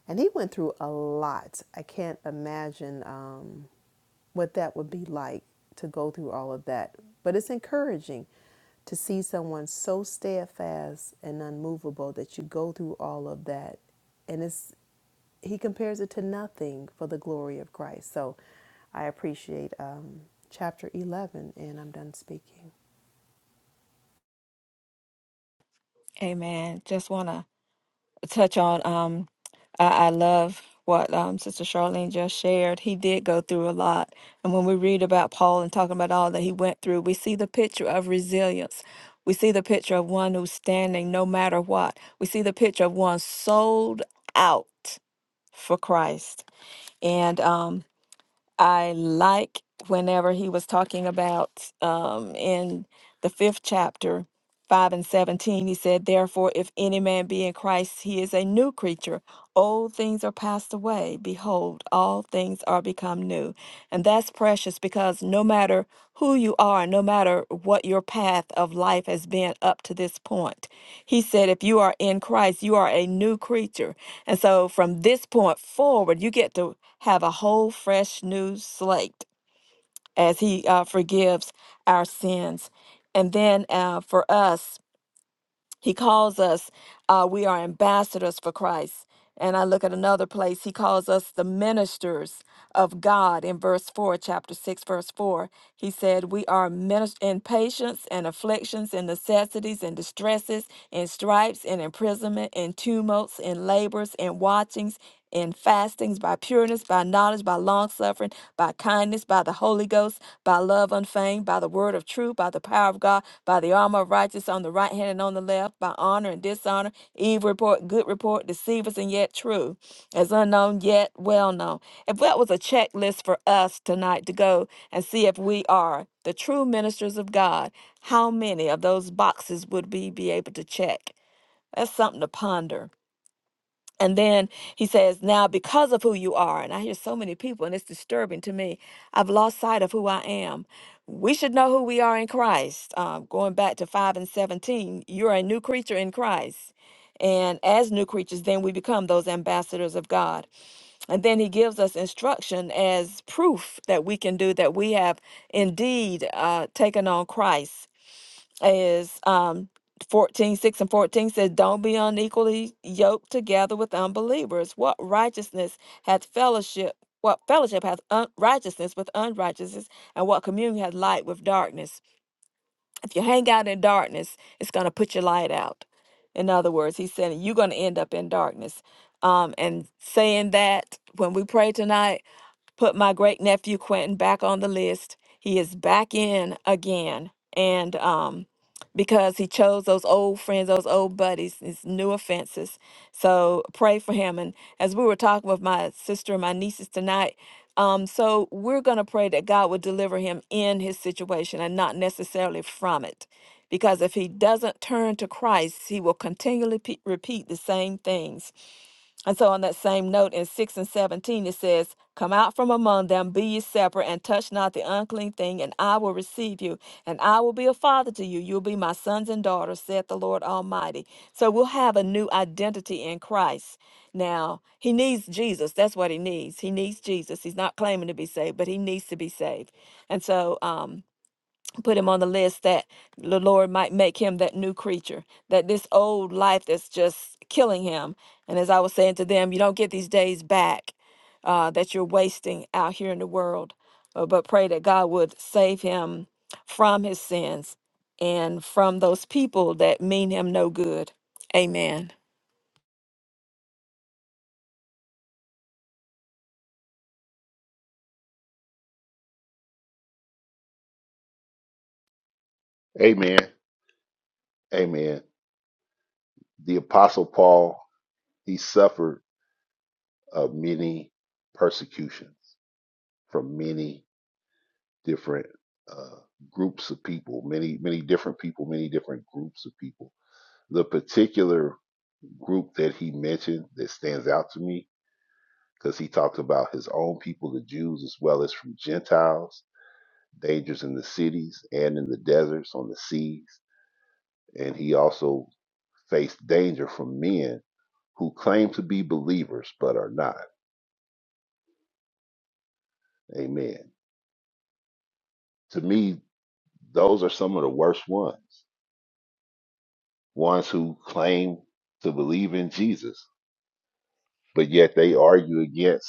[SPEAKER 2] And he went through a lot. I can't imagine. Um, what that would be like to go through all of that. But it's encouraging to see someone so steadfast and unmovable that you go through all of that. And it's he compares it to nothing for the glory of Christ. So I appreciate um, chapter 11, and I'm done speaking.
[SPEAKER 3] Amen. Just want to touch on. Um, I, I love what um, Sister Charlene just shared. He did go through a lot, and when we read about Paul and talking about all that he went through, we see the picture of resilience. We see the picture of one who's standing no matter what. We see the picture of one sold out for Christ. And um, I like whenever he was talking about um, in the fifth chapter, 5 and 17, he said, Therefore, if any man be in Christ, he is a new creature. Old things are passed away. Behold, all things are become new. And that's precious because no matter who you are, no matter what your path of life has been up to this point, he said, if you are in Christ, you are a new creature. And so from this point forward, you get to have a whole fresh new slate as he uh, forgives our sins. And then uh, for us, he calls us, uh, we are ambassadors for Christ. And I look at another place, he calls us the ministers of God in verse 4, chapter 6, verse 4. He said, We are minis- in patience and afflictions and necessities and distresses, and stripes and imprisonment, and tumults and labors and watchings in fastings, by pureness, by knowledge, by long suffering, by kindness, by the Holy Ghost, by love unfeigned, by the word of truth, by the power of God, by the armor of righteousness on the right hand and on the left, by honor and dishonor, evil report, good report, deceivers and yet true, as unknown yet well known. If that was a checklist for us tonight to go and see if we are the true ministers of God, how many of those boxes would we be able to check? That's something to ponder. And then he says, Now, because of who you are, and I hear so many people, and it's disturbing to me, I've lost sight of who I am. We should know who we are in Christ. Um, going back to 5 and 17, you're a new creature in Christ. And as new creatures, then we become those ambassadors of God. And then he gives us instruction as proof that we can do that we have indeed uh, taken on Christ is um 14 six and 14 says don't be unequally yoked together with unbelievers what righteousness hath fellowship what fellowship hath un- righteousness with unrighteousness and what communion hath light with darkness if you hang out in darkness it's going to put your light out in other words he's saying you're going to end up in darkness um and saying that when we pray tonight put my great nephew Quentin back on the list. He is back in again. And um, because he chose those old friends, those old buddies, his new offenses. So pray for him. And as we were talking with my sister and my nieces tonight, um, so we're going to pray that God would deliver him in his situation and not necessarily from it. Because if he doesn't turn to Christ, he will continually pe- repeat the same things. And so, on that same note, in 6 and 17, it says, Come out from among them, be ye separate, and touch not the unclean thing, and I will receive you, and I will be a father to you. You'll be my sons and daughters, saith the Lord Almighty. So, we'll have a new identity in Christ. Now, he needs Jesus. That's what he needs. He needs Jesus. He's not claiming to be saved, but he needs to be saved. And so, um, put him on the list that the Lord might make him that new creature, that this old life that's just killing him. And as I was saying to them, you don't get these days back uh, that you're wasting out here in the world. Uh, but pray that God would save him from his sins and from those people that mean him no good. Amen.
[SPEAKER 5] Amen. Amen. The Apostle Paul, he suffered uh, many persecutions from many different uh, groups of people, many, many different people, many different groups of people. The particular group that he mentioned that stands out to me, because he talked about his own people, the Jews, as well as from Gentiles, dangers in the cities and in the deserts, on the seas. And he also face danger from men who claim to be believers but are not. Amen. To me, those are some of the worst ones. Ones who claim to believe in Jesus, but yet they argue against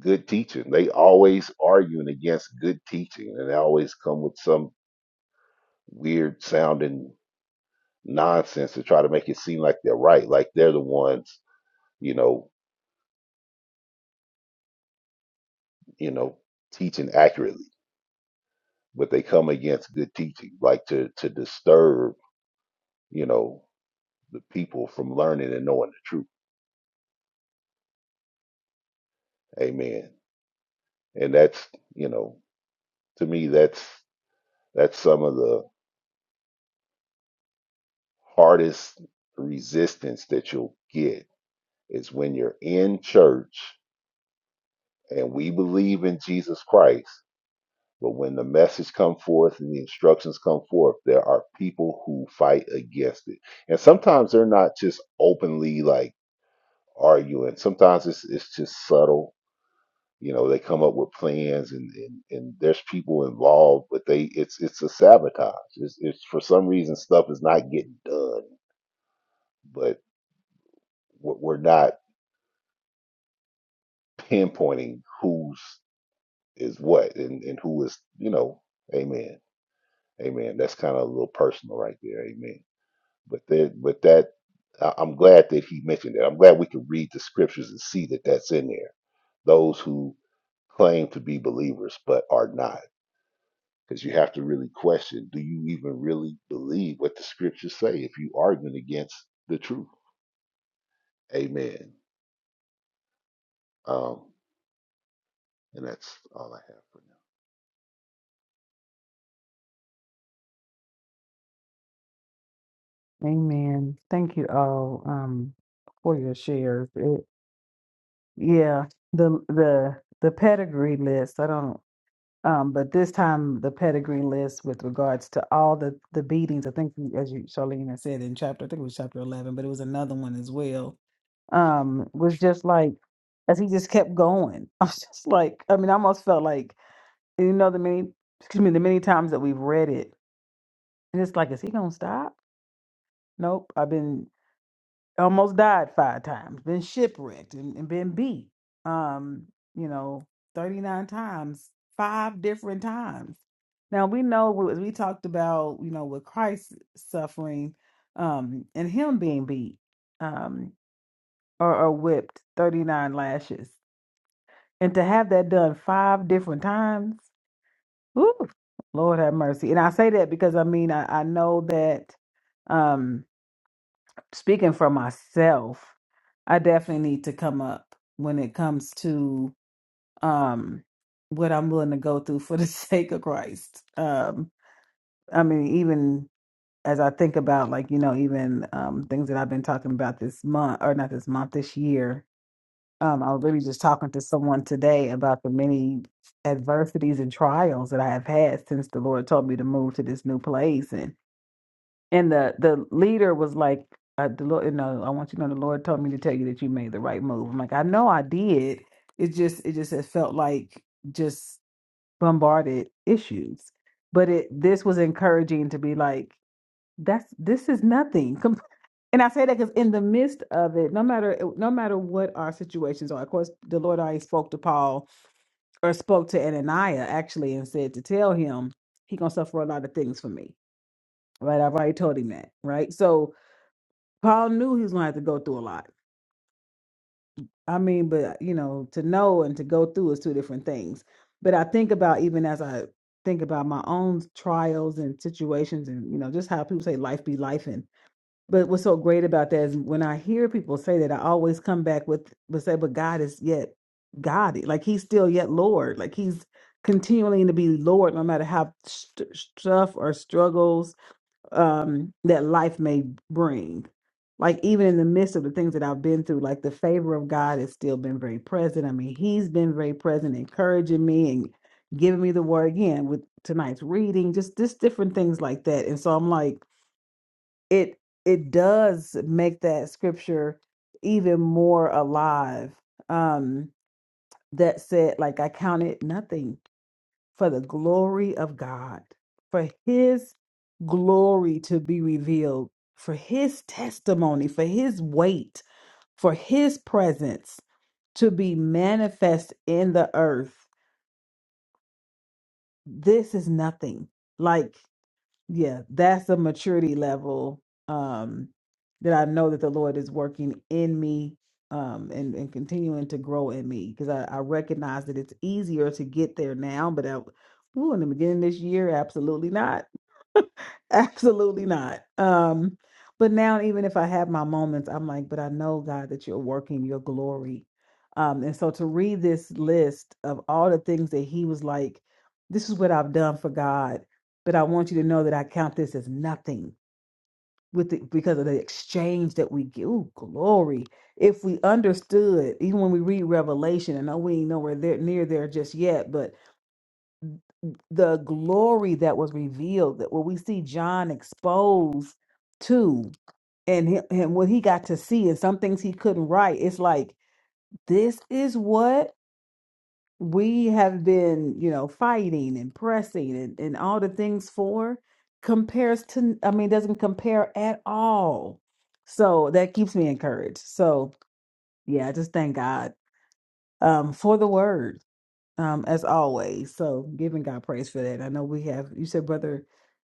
[SPEAKER 5] good teaching. They always arguing against good teaching, and they always come with some weird sounding nonsense to try to make it seem like they're right, like they're the ones, you know, you know, teaching accurately. But they come against good teaching, like to to disturb you know, the people from learning and knowing the truth. Amen. And that's, you know, to me, that's that's some of the hardest resistance that you'll get is when you're in church and we believe in Jesus Christ, but when the message come forth and the instructions come forth, there are people who fight against it. And sometimes they're not just openly like arguing. Sometimes it's it's just subtle you know they come up with plans and and, and there's people involved but they it's it's a sabotage it's, it's for some reason stuff is not getting done but we're we're not pinpointing who's is what and and who is you know amen amen that's kind of a little personal right there amen but there but that I- i'm glad that he mentioned that i'm glad we can read the scriptures and see that that's in there those who claim to be believers but are not because you have to really question do you even really believe what the scriptures say if you arguing against the truth amen um and that's all i have for
[SPEAKER 1] Amen. Thank you all um for your shares. It, yeah, the the the pedigree list. I don't um, but this time the pedigree list with regards to all the the beatings. I think you- as you Charlene had said in chapter, I think it was chapter eleven, but it was another one as well. Um, was just like as he just kept going. I was just like, I mean, I almost felt like you know the many excuse me the many times that we've read it, and it's like, is he gonna stop? Nope. I've been. almost died five times, been shipwrecked and, and been beat. Um, you know, 39 times, five different times. Now we know as we talked about, you know, with Christ suffering, um, and him being beat, um, or, or whipped 39 lashes. And to have that done five different times, whew, Lord have mercy. And I say that because I mean I, I know that um speaking for myself I definitely need to come up when it comes to um what I'm willing to go through for the sake of Christ. Um I mean even as I think about like you know even um things that I've been talking about this month or not this month this year. Um I was really just talking to someone today about the many adversities and trials that I have had since the Lord told me to move to this new place and and the the leader was like uh, the lord you know i want you to know the lord told me to tell you that you made the right move i'm like i know i did it just it just it felt like just bombarded issues but it this was encouraging to be like that's this is nothing Com- and i say that because in the midst of it no matter no matter what our situations are of course the lord already spoke to paul or spoke to Ananias actually and said to tell him he gonna suffer a lot of things for me right i've already told him that right so Paul knew he was going to have to go through a lot. I mean, but you know, to know and to go through is two different things. But I think about even as I think about my own trials and situations, and you know, just how people say life be life. And but what's so great about that is when I hear people say that, I always come back with but say, but God is yet God, like He's still yet Lord, like He's continuing to be Lord, no matter how st- stuff or struggles um that life may bring like even in the midst of the things that I've been through like the favor of God has still been very present I mean he's been very present encouraging me and giving me the word again with tonight's reading just just different things like that and so I'm like it it does make that scripture even more alive um that said like I counted nothing for the glory of God, for his glory to be revealed, for his testimony, for his weight, for his presence to be manifest in the earth. This is nothing. Like, yeah, that's a maturity level um that I know that the Lord is working in me um and, and continuing to grow in me because I, I recognize that it's easier to get there now, but I, ooh, in the beginning of this year, absolutely not Absolutely not. Um, but now even if I have my moments, I'm like, but I know God that you're working your glory. Um, and so to read this list of all the things that he was like, this is what I've done for God, but I want you to know that I count this as nothing with the, because of the exchange that we get. Ooh, glory. If we understood, even when we read Revelation, I know we ain't nowhere there near there just yet, but the glory that was revealed that what we see John exposed to and hi- and what he got to see and some things he couldn't write it's like this is what we have been you know fighting and pressing and, and all the things for compares to I mean doesn't compare at all so that keeps me encouraged so yeah I just thank God um for the word um as always so giving God praise for that I know we have you said brother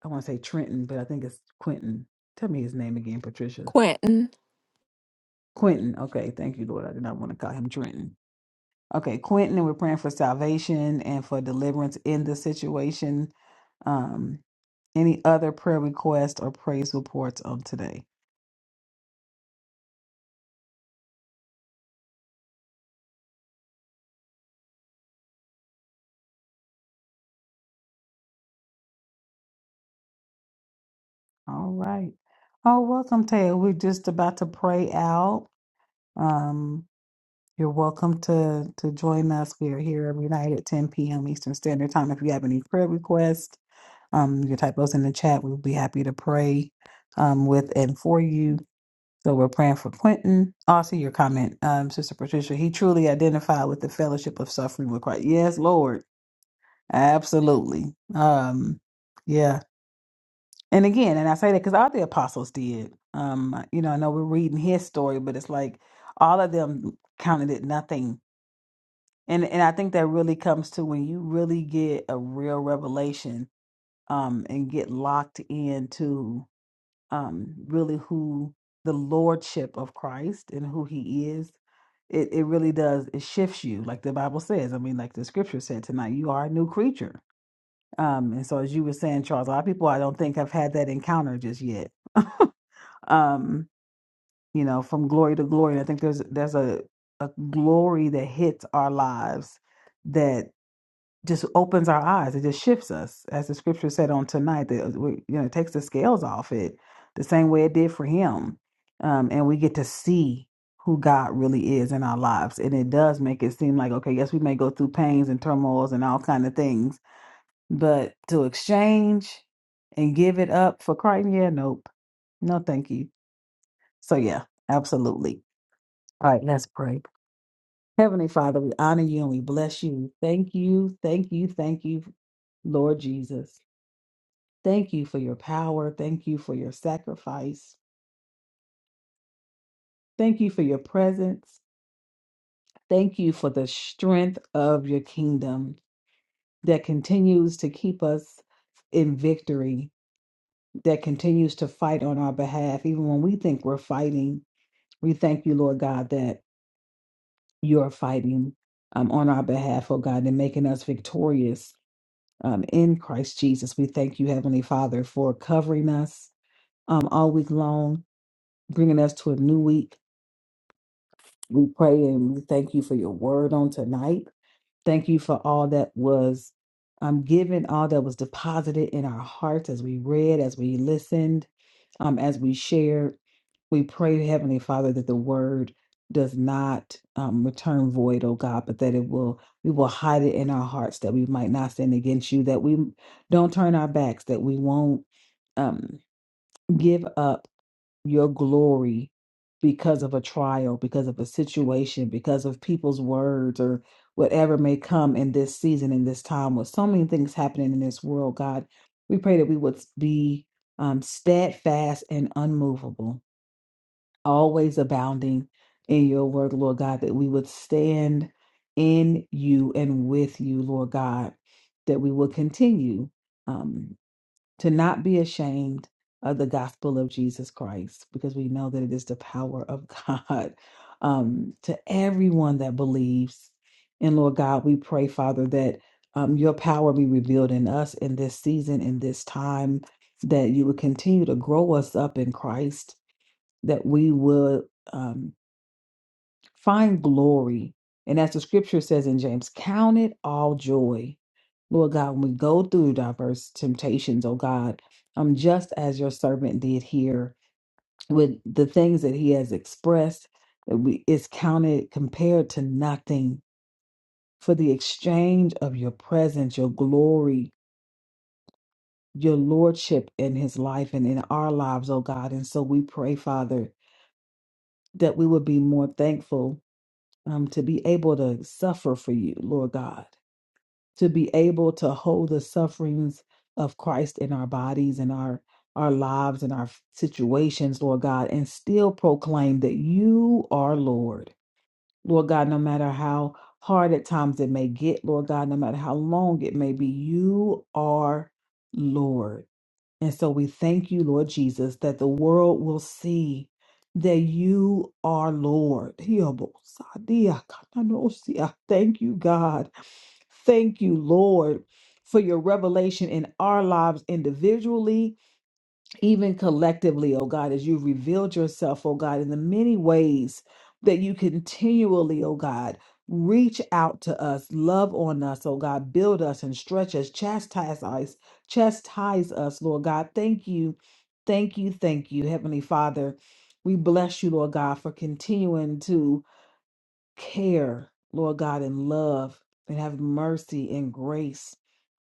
[SPEAKER 1] I want to say Trenton, but I think it's Quentin. Tell me his name again, Patricia.
[SPEAKER 3] Quentin.
[SPEAKER 1] Quentin. Okay, thank you, Lord. I did not want to call him Trenton. Okay, Quentin, and we're praying for salvation and for deliverance in the situation. Um, any other prayer requests or praise reports on today? All right. Oh, welcome, Taylor. We're just about to pray out. Um, you're welcome to to join us. We are here every night at 10 p.m. Eastern Standard Time. If you have any prayer requests, um, you can type those in the chat. We'll be happy to pray um, with and for you. So we're praying for Quentin. Also, your comment, um, Sister Patricia. He truly identified with the fellowship of suffering with Christ. Yes, Lord, absolutely. Um, yeah. And again, and I say that because all the apostles did. Um, you know, I know we're reading his story, but it's like all of them counted it nothing. And and I think that really comes to when you really get a real revelation, um, and get locked into um really who the lordship of Christ and who he is. It it really does it shifts you, like the Bible says. I mean, like the scripture said tonight, you are a new creature. Um, and so as you were saying, Charles, a lot of people I don't think have had that encounter just yet. um, you know, from glory to glory. And I think there's there's a, a glory that hits our lives that just opens our eyes. It just shifts us, as the scripture said on tonight. That uh, we, you know, it takes the scales off it, the same way it did for him, um, and we get to see who God really is in our lives. And it does make it seem like okay, yes, we may go through pains and turmoils and all kind of things, but to exchange and give it up for Christ, yeah, nope, no, thank you so, yeah, absolutely. All right, let's pray. Heavenly Father, we honor you and we bless you. Thank you, thank you, thank you, Lord Jesus. Thank you for your power. Thank you for your sacrifice. Thank you for your presence. Thank you for the strength of your kingdom that continues to keep us in victory, that continues to fight on our behalf, even when we think we're fighting. We thank you, Lord God, that you're fighting um, on our behalf, oh God, and making us victorious um, in Christ Jesus. We thank you, Heavenly Father, for covering us um, all week long, bringing us to a new week. We pray and we thank you for your word on tonight. Thank you for all that was um, given, all that was deposited in our hearts as we read, as we listened, um, as we shared. We pray, Heavenly Father, that the word does not um, return void, oh God, but that it will, we will hide it in our hearts that we might not sin against you, that we don't turn our backs, that we won't um, give up your glory because of a trial, because of a situation, because of people's words or whatever may come in this season, in this time, with so many things happening in this world, God, we pray that we would be um, steadfast and unmovable, always abounding in your word, Lord God, that we would stand in you and with you, Lord God, that we will continue. Um, to not be ashamed of the gospel of Jesus Christ, because we know that it is the power of God um, to everyone that believes. And Lord God, we pray, Father, that um, your power be revealed in us in this season, in this time, that you would continue to grow us up in Christ, that we will. Find glory. And as the scripture says in James, count it all joy. Lord God, when we go through diverse temptations, oh God, um, just as your servant did here with the things that he has expressed, that we is counted compared to nothing for the exchange of your presence, your glory, your lordship in his life and in our lives, oh God. And so we pray, Father, that we would be more thankful um, to be able to suffer for you, Lord God to be able to hold the sufferings of Christ in our bodies and our our lives and our situations, Lord God, and still proclaim that you are Lord. Lord God, no matter how hard at times it may get, Lord God, no matter how long it may be, you are Lord. And so we thank you, Lord Jesus, that the world will see that you are Lord. Thank you, God. Thank you, Lord, for your revelation in our lives individually even collectively, oh God, as you've revealed yourself, oh God, in the many ways that you continually, oh God, reach out to us, love on us, oh God, build us and stretch us, chastise us, chastise us, Lord God. Thank you, thank you, thank you, Heavenly Father. We bless you, Lord God, for continuing to care, Lord God, and love and have mercy and grace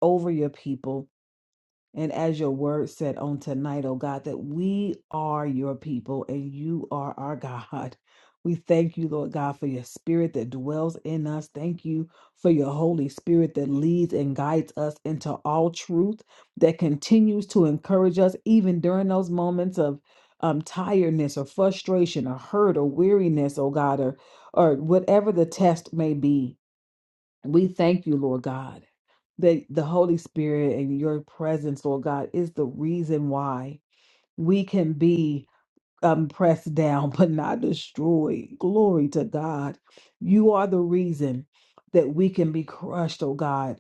[SPEAKER 1] over your people. And as your word said on tonight, oh God, that we are your people and you are our God. We thank you, Lord God, for your spirit that dwells in us. Thank you for your Holy Spirit that leads and guides us into all truth, that continues to encourage us even during those moments of um, tiredness or frustration or hurt or weariness, oh God, or, or whatever the test may be. We thank you, Lord God that the Holy Spirit and your presence, Lord God, is the reason why we can be um, pressed down but not destroyed. Glory to God. You are the reason that we can be crushed, oh God.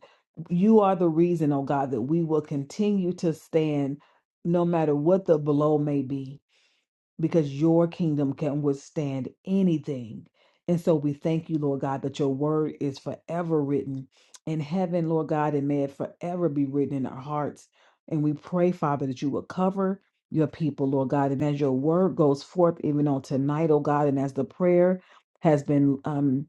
[SPEAKER 1] You are the reason, oh God, that we will continue to stand no matter what the blow may be because your kingdom can withstand anything. And so we thank you, Lord God, that your word is forever written in heaven, Lord God, and may it forever be written in our hearts. And we pray, Father, that you will cover your people, Lord God. And as your word goes forth, even on tonight, oh God, and as the prayer has been, um,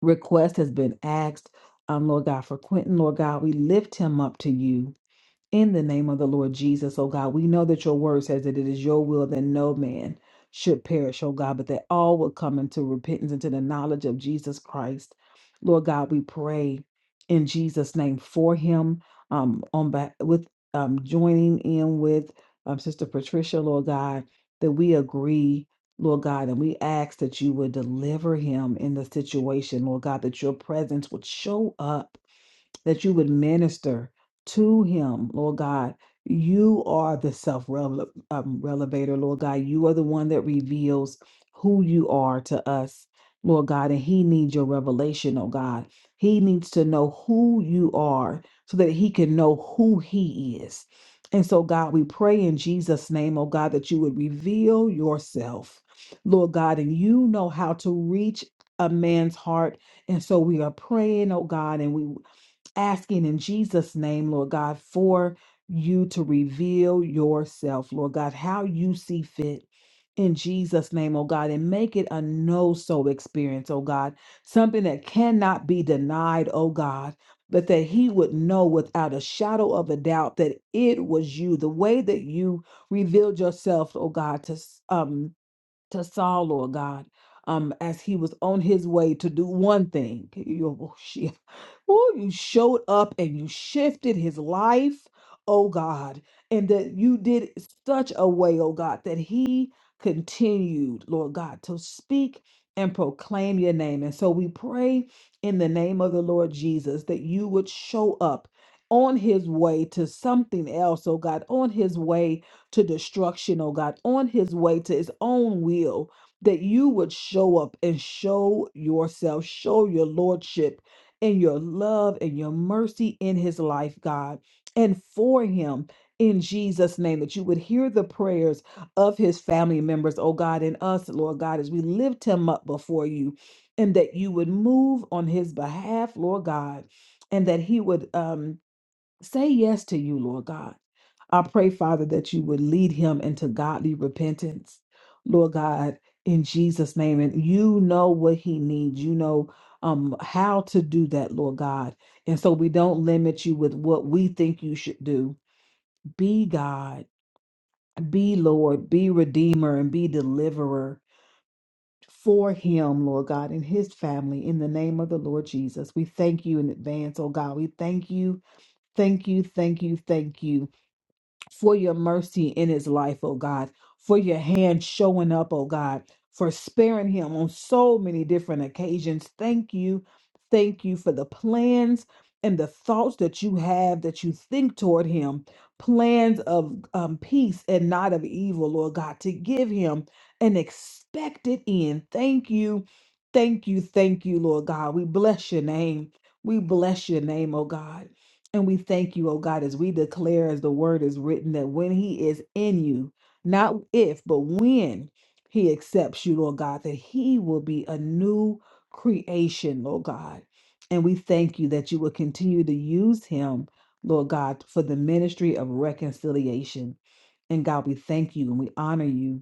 [SPEAKER 1] request has been asked, um, Lord God, for Quentin, Lord God, we lift him up to you. In the name of the Lord Jesus, oh God, we know that your word says that it is your will that no man should perish, oh God, but that all will come into repentance and to the knowledge of Jesus Christ. Lord God, we pray in Jesus' name for him, um, on back with um joining in with um Sister Patricia, Lord God, that we agree. Lord God, and we ask that you would deliver him in the situation, Lord God, that your presence would show up that you would minister to him, Lord God. You are the self um, relevator, Lord God. You are the one that reveals who you are to us, Lord God. And he needs your revelation, oh God. He needs to know who you are so that he can know who he is. And so, God, we pray in Jesus' name, oh God, that you would reveal yourself, Lord God, and you know how to reach a man's heart and so we are praying, oh God, and we asking in Jesus' name, Lord God, for you to reveal yourself, Lord God, how you see fit. In Jesus' name, oh God, and make it a no so experience, oh God, something that cannot be denied, oh God, but that he would know without a shadow of a doubt that it was you, the way that you revealed yourself, oh God, to s- um, to Saul, Lord God, um, as he was on his way to do one thing. You, oh, shit. Ooh, you showed up and you shifted his life, oh God, and that you did it such a way, oh God, that he continued, Lord God, to speak and proclaim your name. And so we pray in the name of the Lord Jesus that you would show up on his way to something else, oh God, on his way to destruction, oh God, on his way to his own will, that you would show up and show yourself, show your lordship and your love and your mercy in his life, God, and for him. In Jesus' name, that you would hear the prayers of his family members, oh God, and us, Lord God, as we lift him up before you, and that you would move on his behalf, Lord God, and that he would um, Say yes to you, Lord God. I pray, Father, that you would lead him into godly repentance, Lord God, in Jesus' name. And you know what he needs. You know um, how to do that, Lord God. And so we don't limit you with what we think you should do. Be God, be Lord, be Redeemer, and be Deliverer for him, Lord God, and his family. In the name of the Lord Jesus, we thank you in advance, oh God. We thank you, thank you, thank you, thank you for your mercy in his life, oh God, for your hand showing up, oh God, for sparing him on so many different occasions. Thank you. Thank you for the plans and the thoughts that you have that you think toward him, plans of um, peace and not of evil, Lord God, to give him an expected end. Thank you. Thank you. Thank you, Lord God. We bless your name. We bless your name, oh God. And we thank you, oh God, as we declare, as the word is written, that when he is in you, not if, but when he accepts you, Lord God, that he will be a new creation, Lord God. And we thank you that you will continue to use him, Lord God, for the ministry of reconciliation. And God, we thank you and we honor you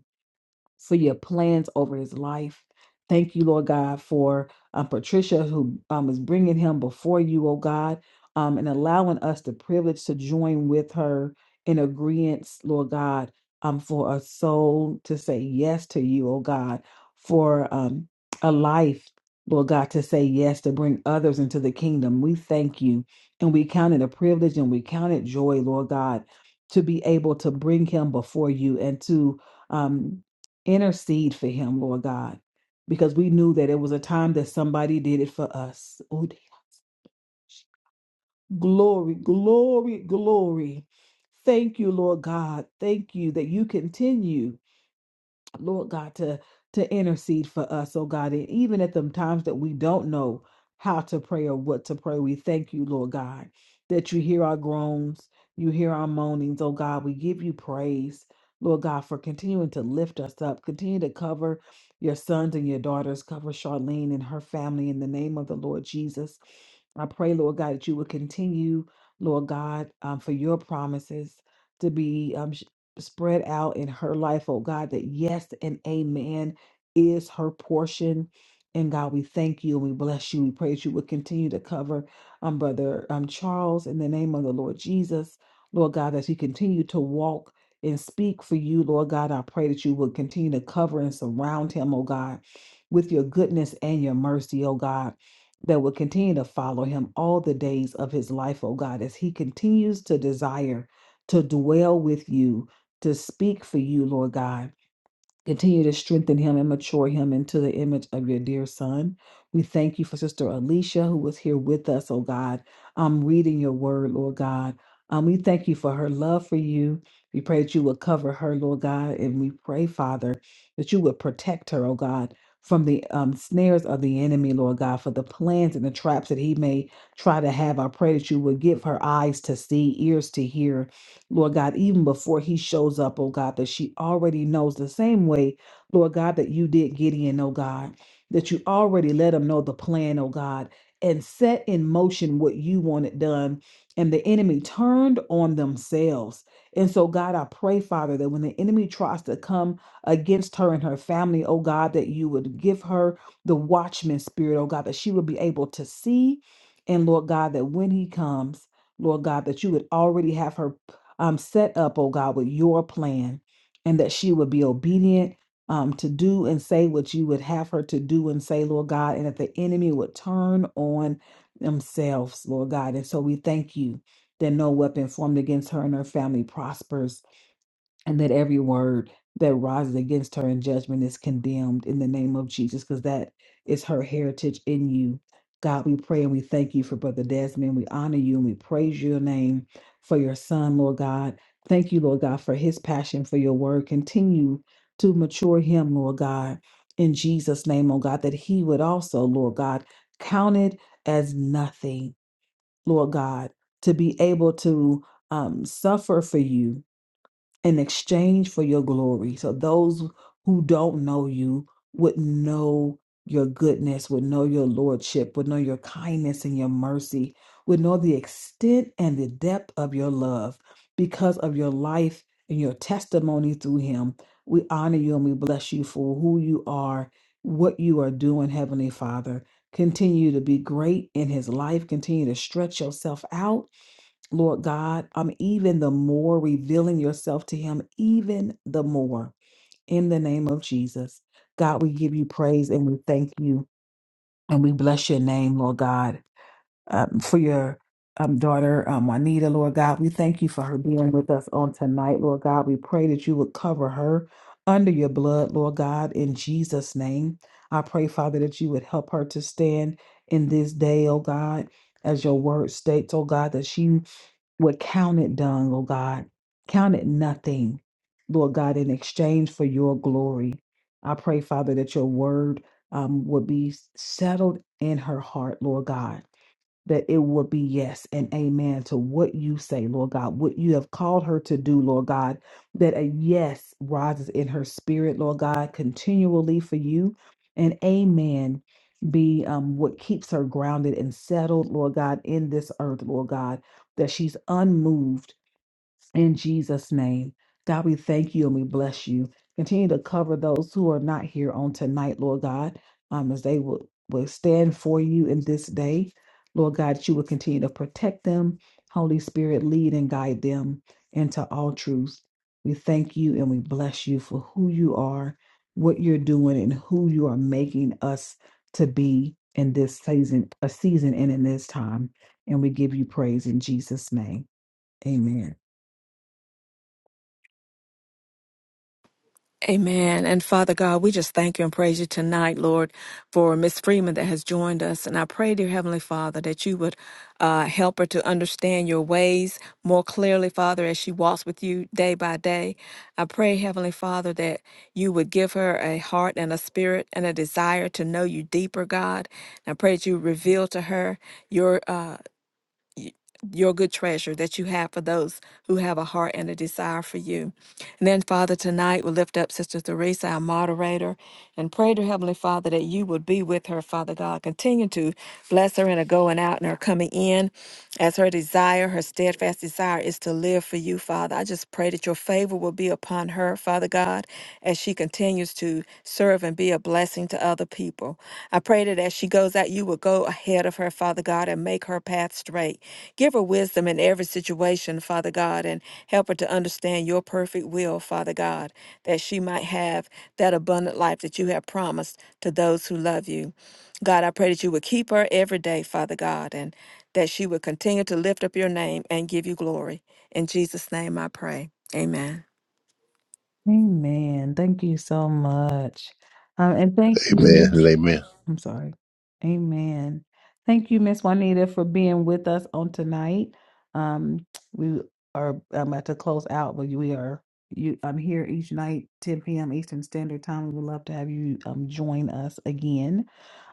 [SPEAKER 1] for your plans over his life. Thank you, Lord God, for um, Patricia, who um, is bringing him before you, oh God, um, and allowing us the privilege to join with her in agreement, Lord God, um, for a soul to say yes to you, oh God, for um, a life, Lord God, to say yes, to bring others into the kingdom. We thank you. And we count it a privilege and we count it joy, Lord God, to be able to bring him before you and to. Um, intercede for him, Lord God, because we knew that it was a time that somebody did it for us. Oh, glory, glory, glory. Thank you, Lord God. Thank you that you continue. Lord God, to to intercede for us, oh God, and even at the times that we don't know how to pray or what to pray, we thank you, Lord God, that you hear our groans, you hear our moanings, oh God. We give you praise, Lord God, for continuing to lift us up, continue to cover your sons and your daughters, cover Charlene and her family in the name of the Lord Jesus. I pray, Lord God, that you would continue, Lord God, um, for your promises to be um, spread out in her life, oh God, that yes and amen is her portion. And God, we thank you and we bless you. We praise you. We'll continue to cover um, Brother um, Charles in the name of the Lord Jesus. Lord God, as he continue to walk and speak for you, Lord God, I pray that you will continue to cover and surround him, oh God, with your goodness and your mercy, oh God, that will continue to follow him all the days of his life, oh God, as he continues to desire to dwell with you, to speak for you, Lord God. Continue to strengthen him and mature him into the image of your dear son. We thank you for Sister Alicia, who was here with us, oh God. I'm reading your word, Lord God. Um, we thank you for her love for you. We pray that you would cover her, Lord God. And we pray, Father, that you would protect her, oh God, from the um, snares of the enemy, Lord God, for the plans and the traps that he may try to have. I pray that you would give her eyes to see, ears to hear, Lord God, even before he shows up, oh God, that she already knows the same way, Lord God, that you did Gideon, oh God, that you already let him know the plan, oh God, and set in motion what you wanted done. And the enemy turned on themselves. And so, God, I pray, Father, that when the enemy tries to come against her and her family, oh God, that you would give her the watchman spirit, oh God, that she would be able to see. And Lord God, that when he comes, Lord God, that you would already have her um, set up, oh God, with your plan, and that she would be obedient um, to do and say what you would have her to do and say, Lord God, and that the enemy would turn on themselves, Lord God. And so we thank you that no weapon formed against her and her family prospers and that every word that rises against her in judgment is condemned in the name of Jesus, because that is her heritage in you. God, we pray and we thank you for Brother Desmond. We honor you and we praise your name for your son, Lord God. Thank you, Lord God, for his passion for your word. Continue to mature him, Lord God, in Jesus' name, oh God, that he would also, Lord God, count it as nothing, Lord God, to be able to um, suffer for you, in exchange for your glory. So those who don't know you would know your goodness, would know your lordship, would know your kindness and your mercy, would know the extent and the depth of your love because of your life and your testimony through him. We honor you and we bless you for who you are, what you are doing, Heavenly Father. Continue to be great in his life. Continue to stretch yourself out Lord God, um, even the more revealing yourself to him, even the more in the name of Jesus. God, we give you praise and we thank you and we bless your name, Lord God, um, for your um, daughter, um, Juanita, Lord God. We thank you for her being with us on tonight, Lord God. We pray that you would cover her under your blood, Lord God, in Jesus' name. I pray, Father, that you would help her to stand in this day, oh God, as your word states, oh God, that she would count it done, Lord God. Count it nothing, Lord God, in exchange for your glory. I pray, Father, that your word um, would be settled in her heart, Lord God that it will be yes and amen to what you say, Lord God, what you have called her to do, Lord God, that a yes rises in her spirit, Lord God, continually for you, and amen be um, what keeps her grounded and settled, Lord God, in this earth, Lord God, that she's unmoved in Jesus' name, God, we thank you and we bless you. Continue to cover those who are not here on tonight, Lord God, um, as they will, will stand for you in this day. Lord God, that you will continue to protect them. Holy Spirit, lead and guide them into all truth. We thank you and we bless you for who you are, what you're doing, and who you are making us to be in this season, a season and in this time. And we give you praise in Jesus' name. Amen.
[SPEAKER 3] Amen. And Father God, we just thank you and praise you tonight, Lord, for Miss Freeman that has joined us. And I pray, dear Heavenly Father, that you would uh, help her to understand your ways more clearly, Father, as she walks with you day by day. I pray, Heavenly Father, that you would give her a heart and a spirit and a desire to know you deeper, God. And I pray that you reveal to her your. Uh, your good treasure that you have for those who have a heart and a desire for you. And then, Father, tonight we lift up Sister Theresa, our moderator, and pray to Heavenly Father that you would be with her, Father God. Continue to bless her in her going out and her coming in as her desire, her steadfast desire is to live for you, Father. I just pray that your favor will be upon her, Father God, as she continues to serve and be a blessing to other people. I pray that as she goes out, you will go ahead of her, Father God, and make her path straight. Give her wisdom in every situation, Father God, and help her to understand your perfect will, Father God, that she might have that abundant life that you have promised to those who love you. God, I pray that you would keep her every day, Father God, and that she would continue to lift up your name and give you glory. In Jesus' name I pray. Amen.
[SPEAKER 1] Amen. Thank you so much. Um, and thank
[SPEAKER 5] now
[SPEAKER 1] you,
[SPEAKER 5] Amen
[SPEAKER 1] Miss
[SPEAKER 5] and amen.
[SPEAKER 1] I'm sorry. Amen. Thank you, Miss Juanita, for being with us on tonight. Um, we are I'm about to close out, but we are you I'm here each night, 10 p.m. Eastern Standard Time. We would love to have you um join us again.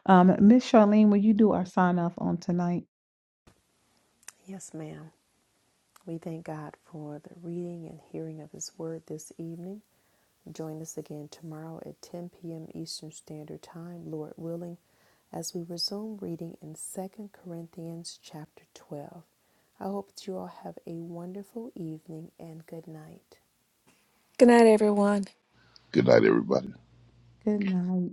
[SPEAKER 1] Um, Miss Charlene, will you do our sign off on tonight?
[SPEAKER 2] Yes, ma'am. We thank God for the reading and hearing of his word this evening. Join us again tomorrow at 10 p.m. Eastern Standard Time, Lord willing, as we resume reading in 2 Corinthians chapter 12. I hope that you all have a wonderful evening and good night.
[SPEAKER 3] Good night, everyone.
[SPEAKER 5] good night everybody
[SPEAKER 1] Good night.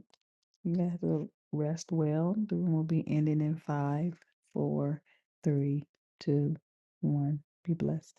[SPEAKER 1] You guys will rest well. The room will be ending in five, four, three, two, one. Be blessed.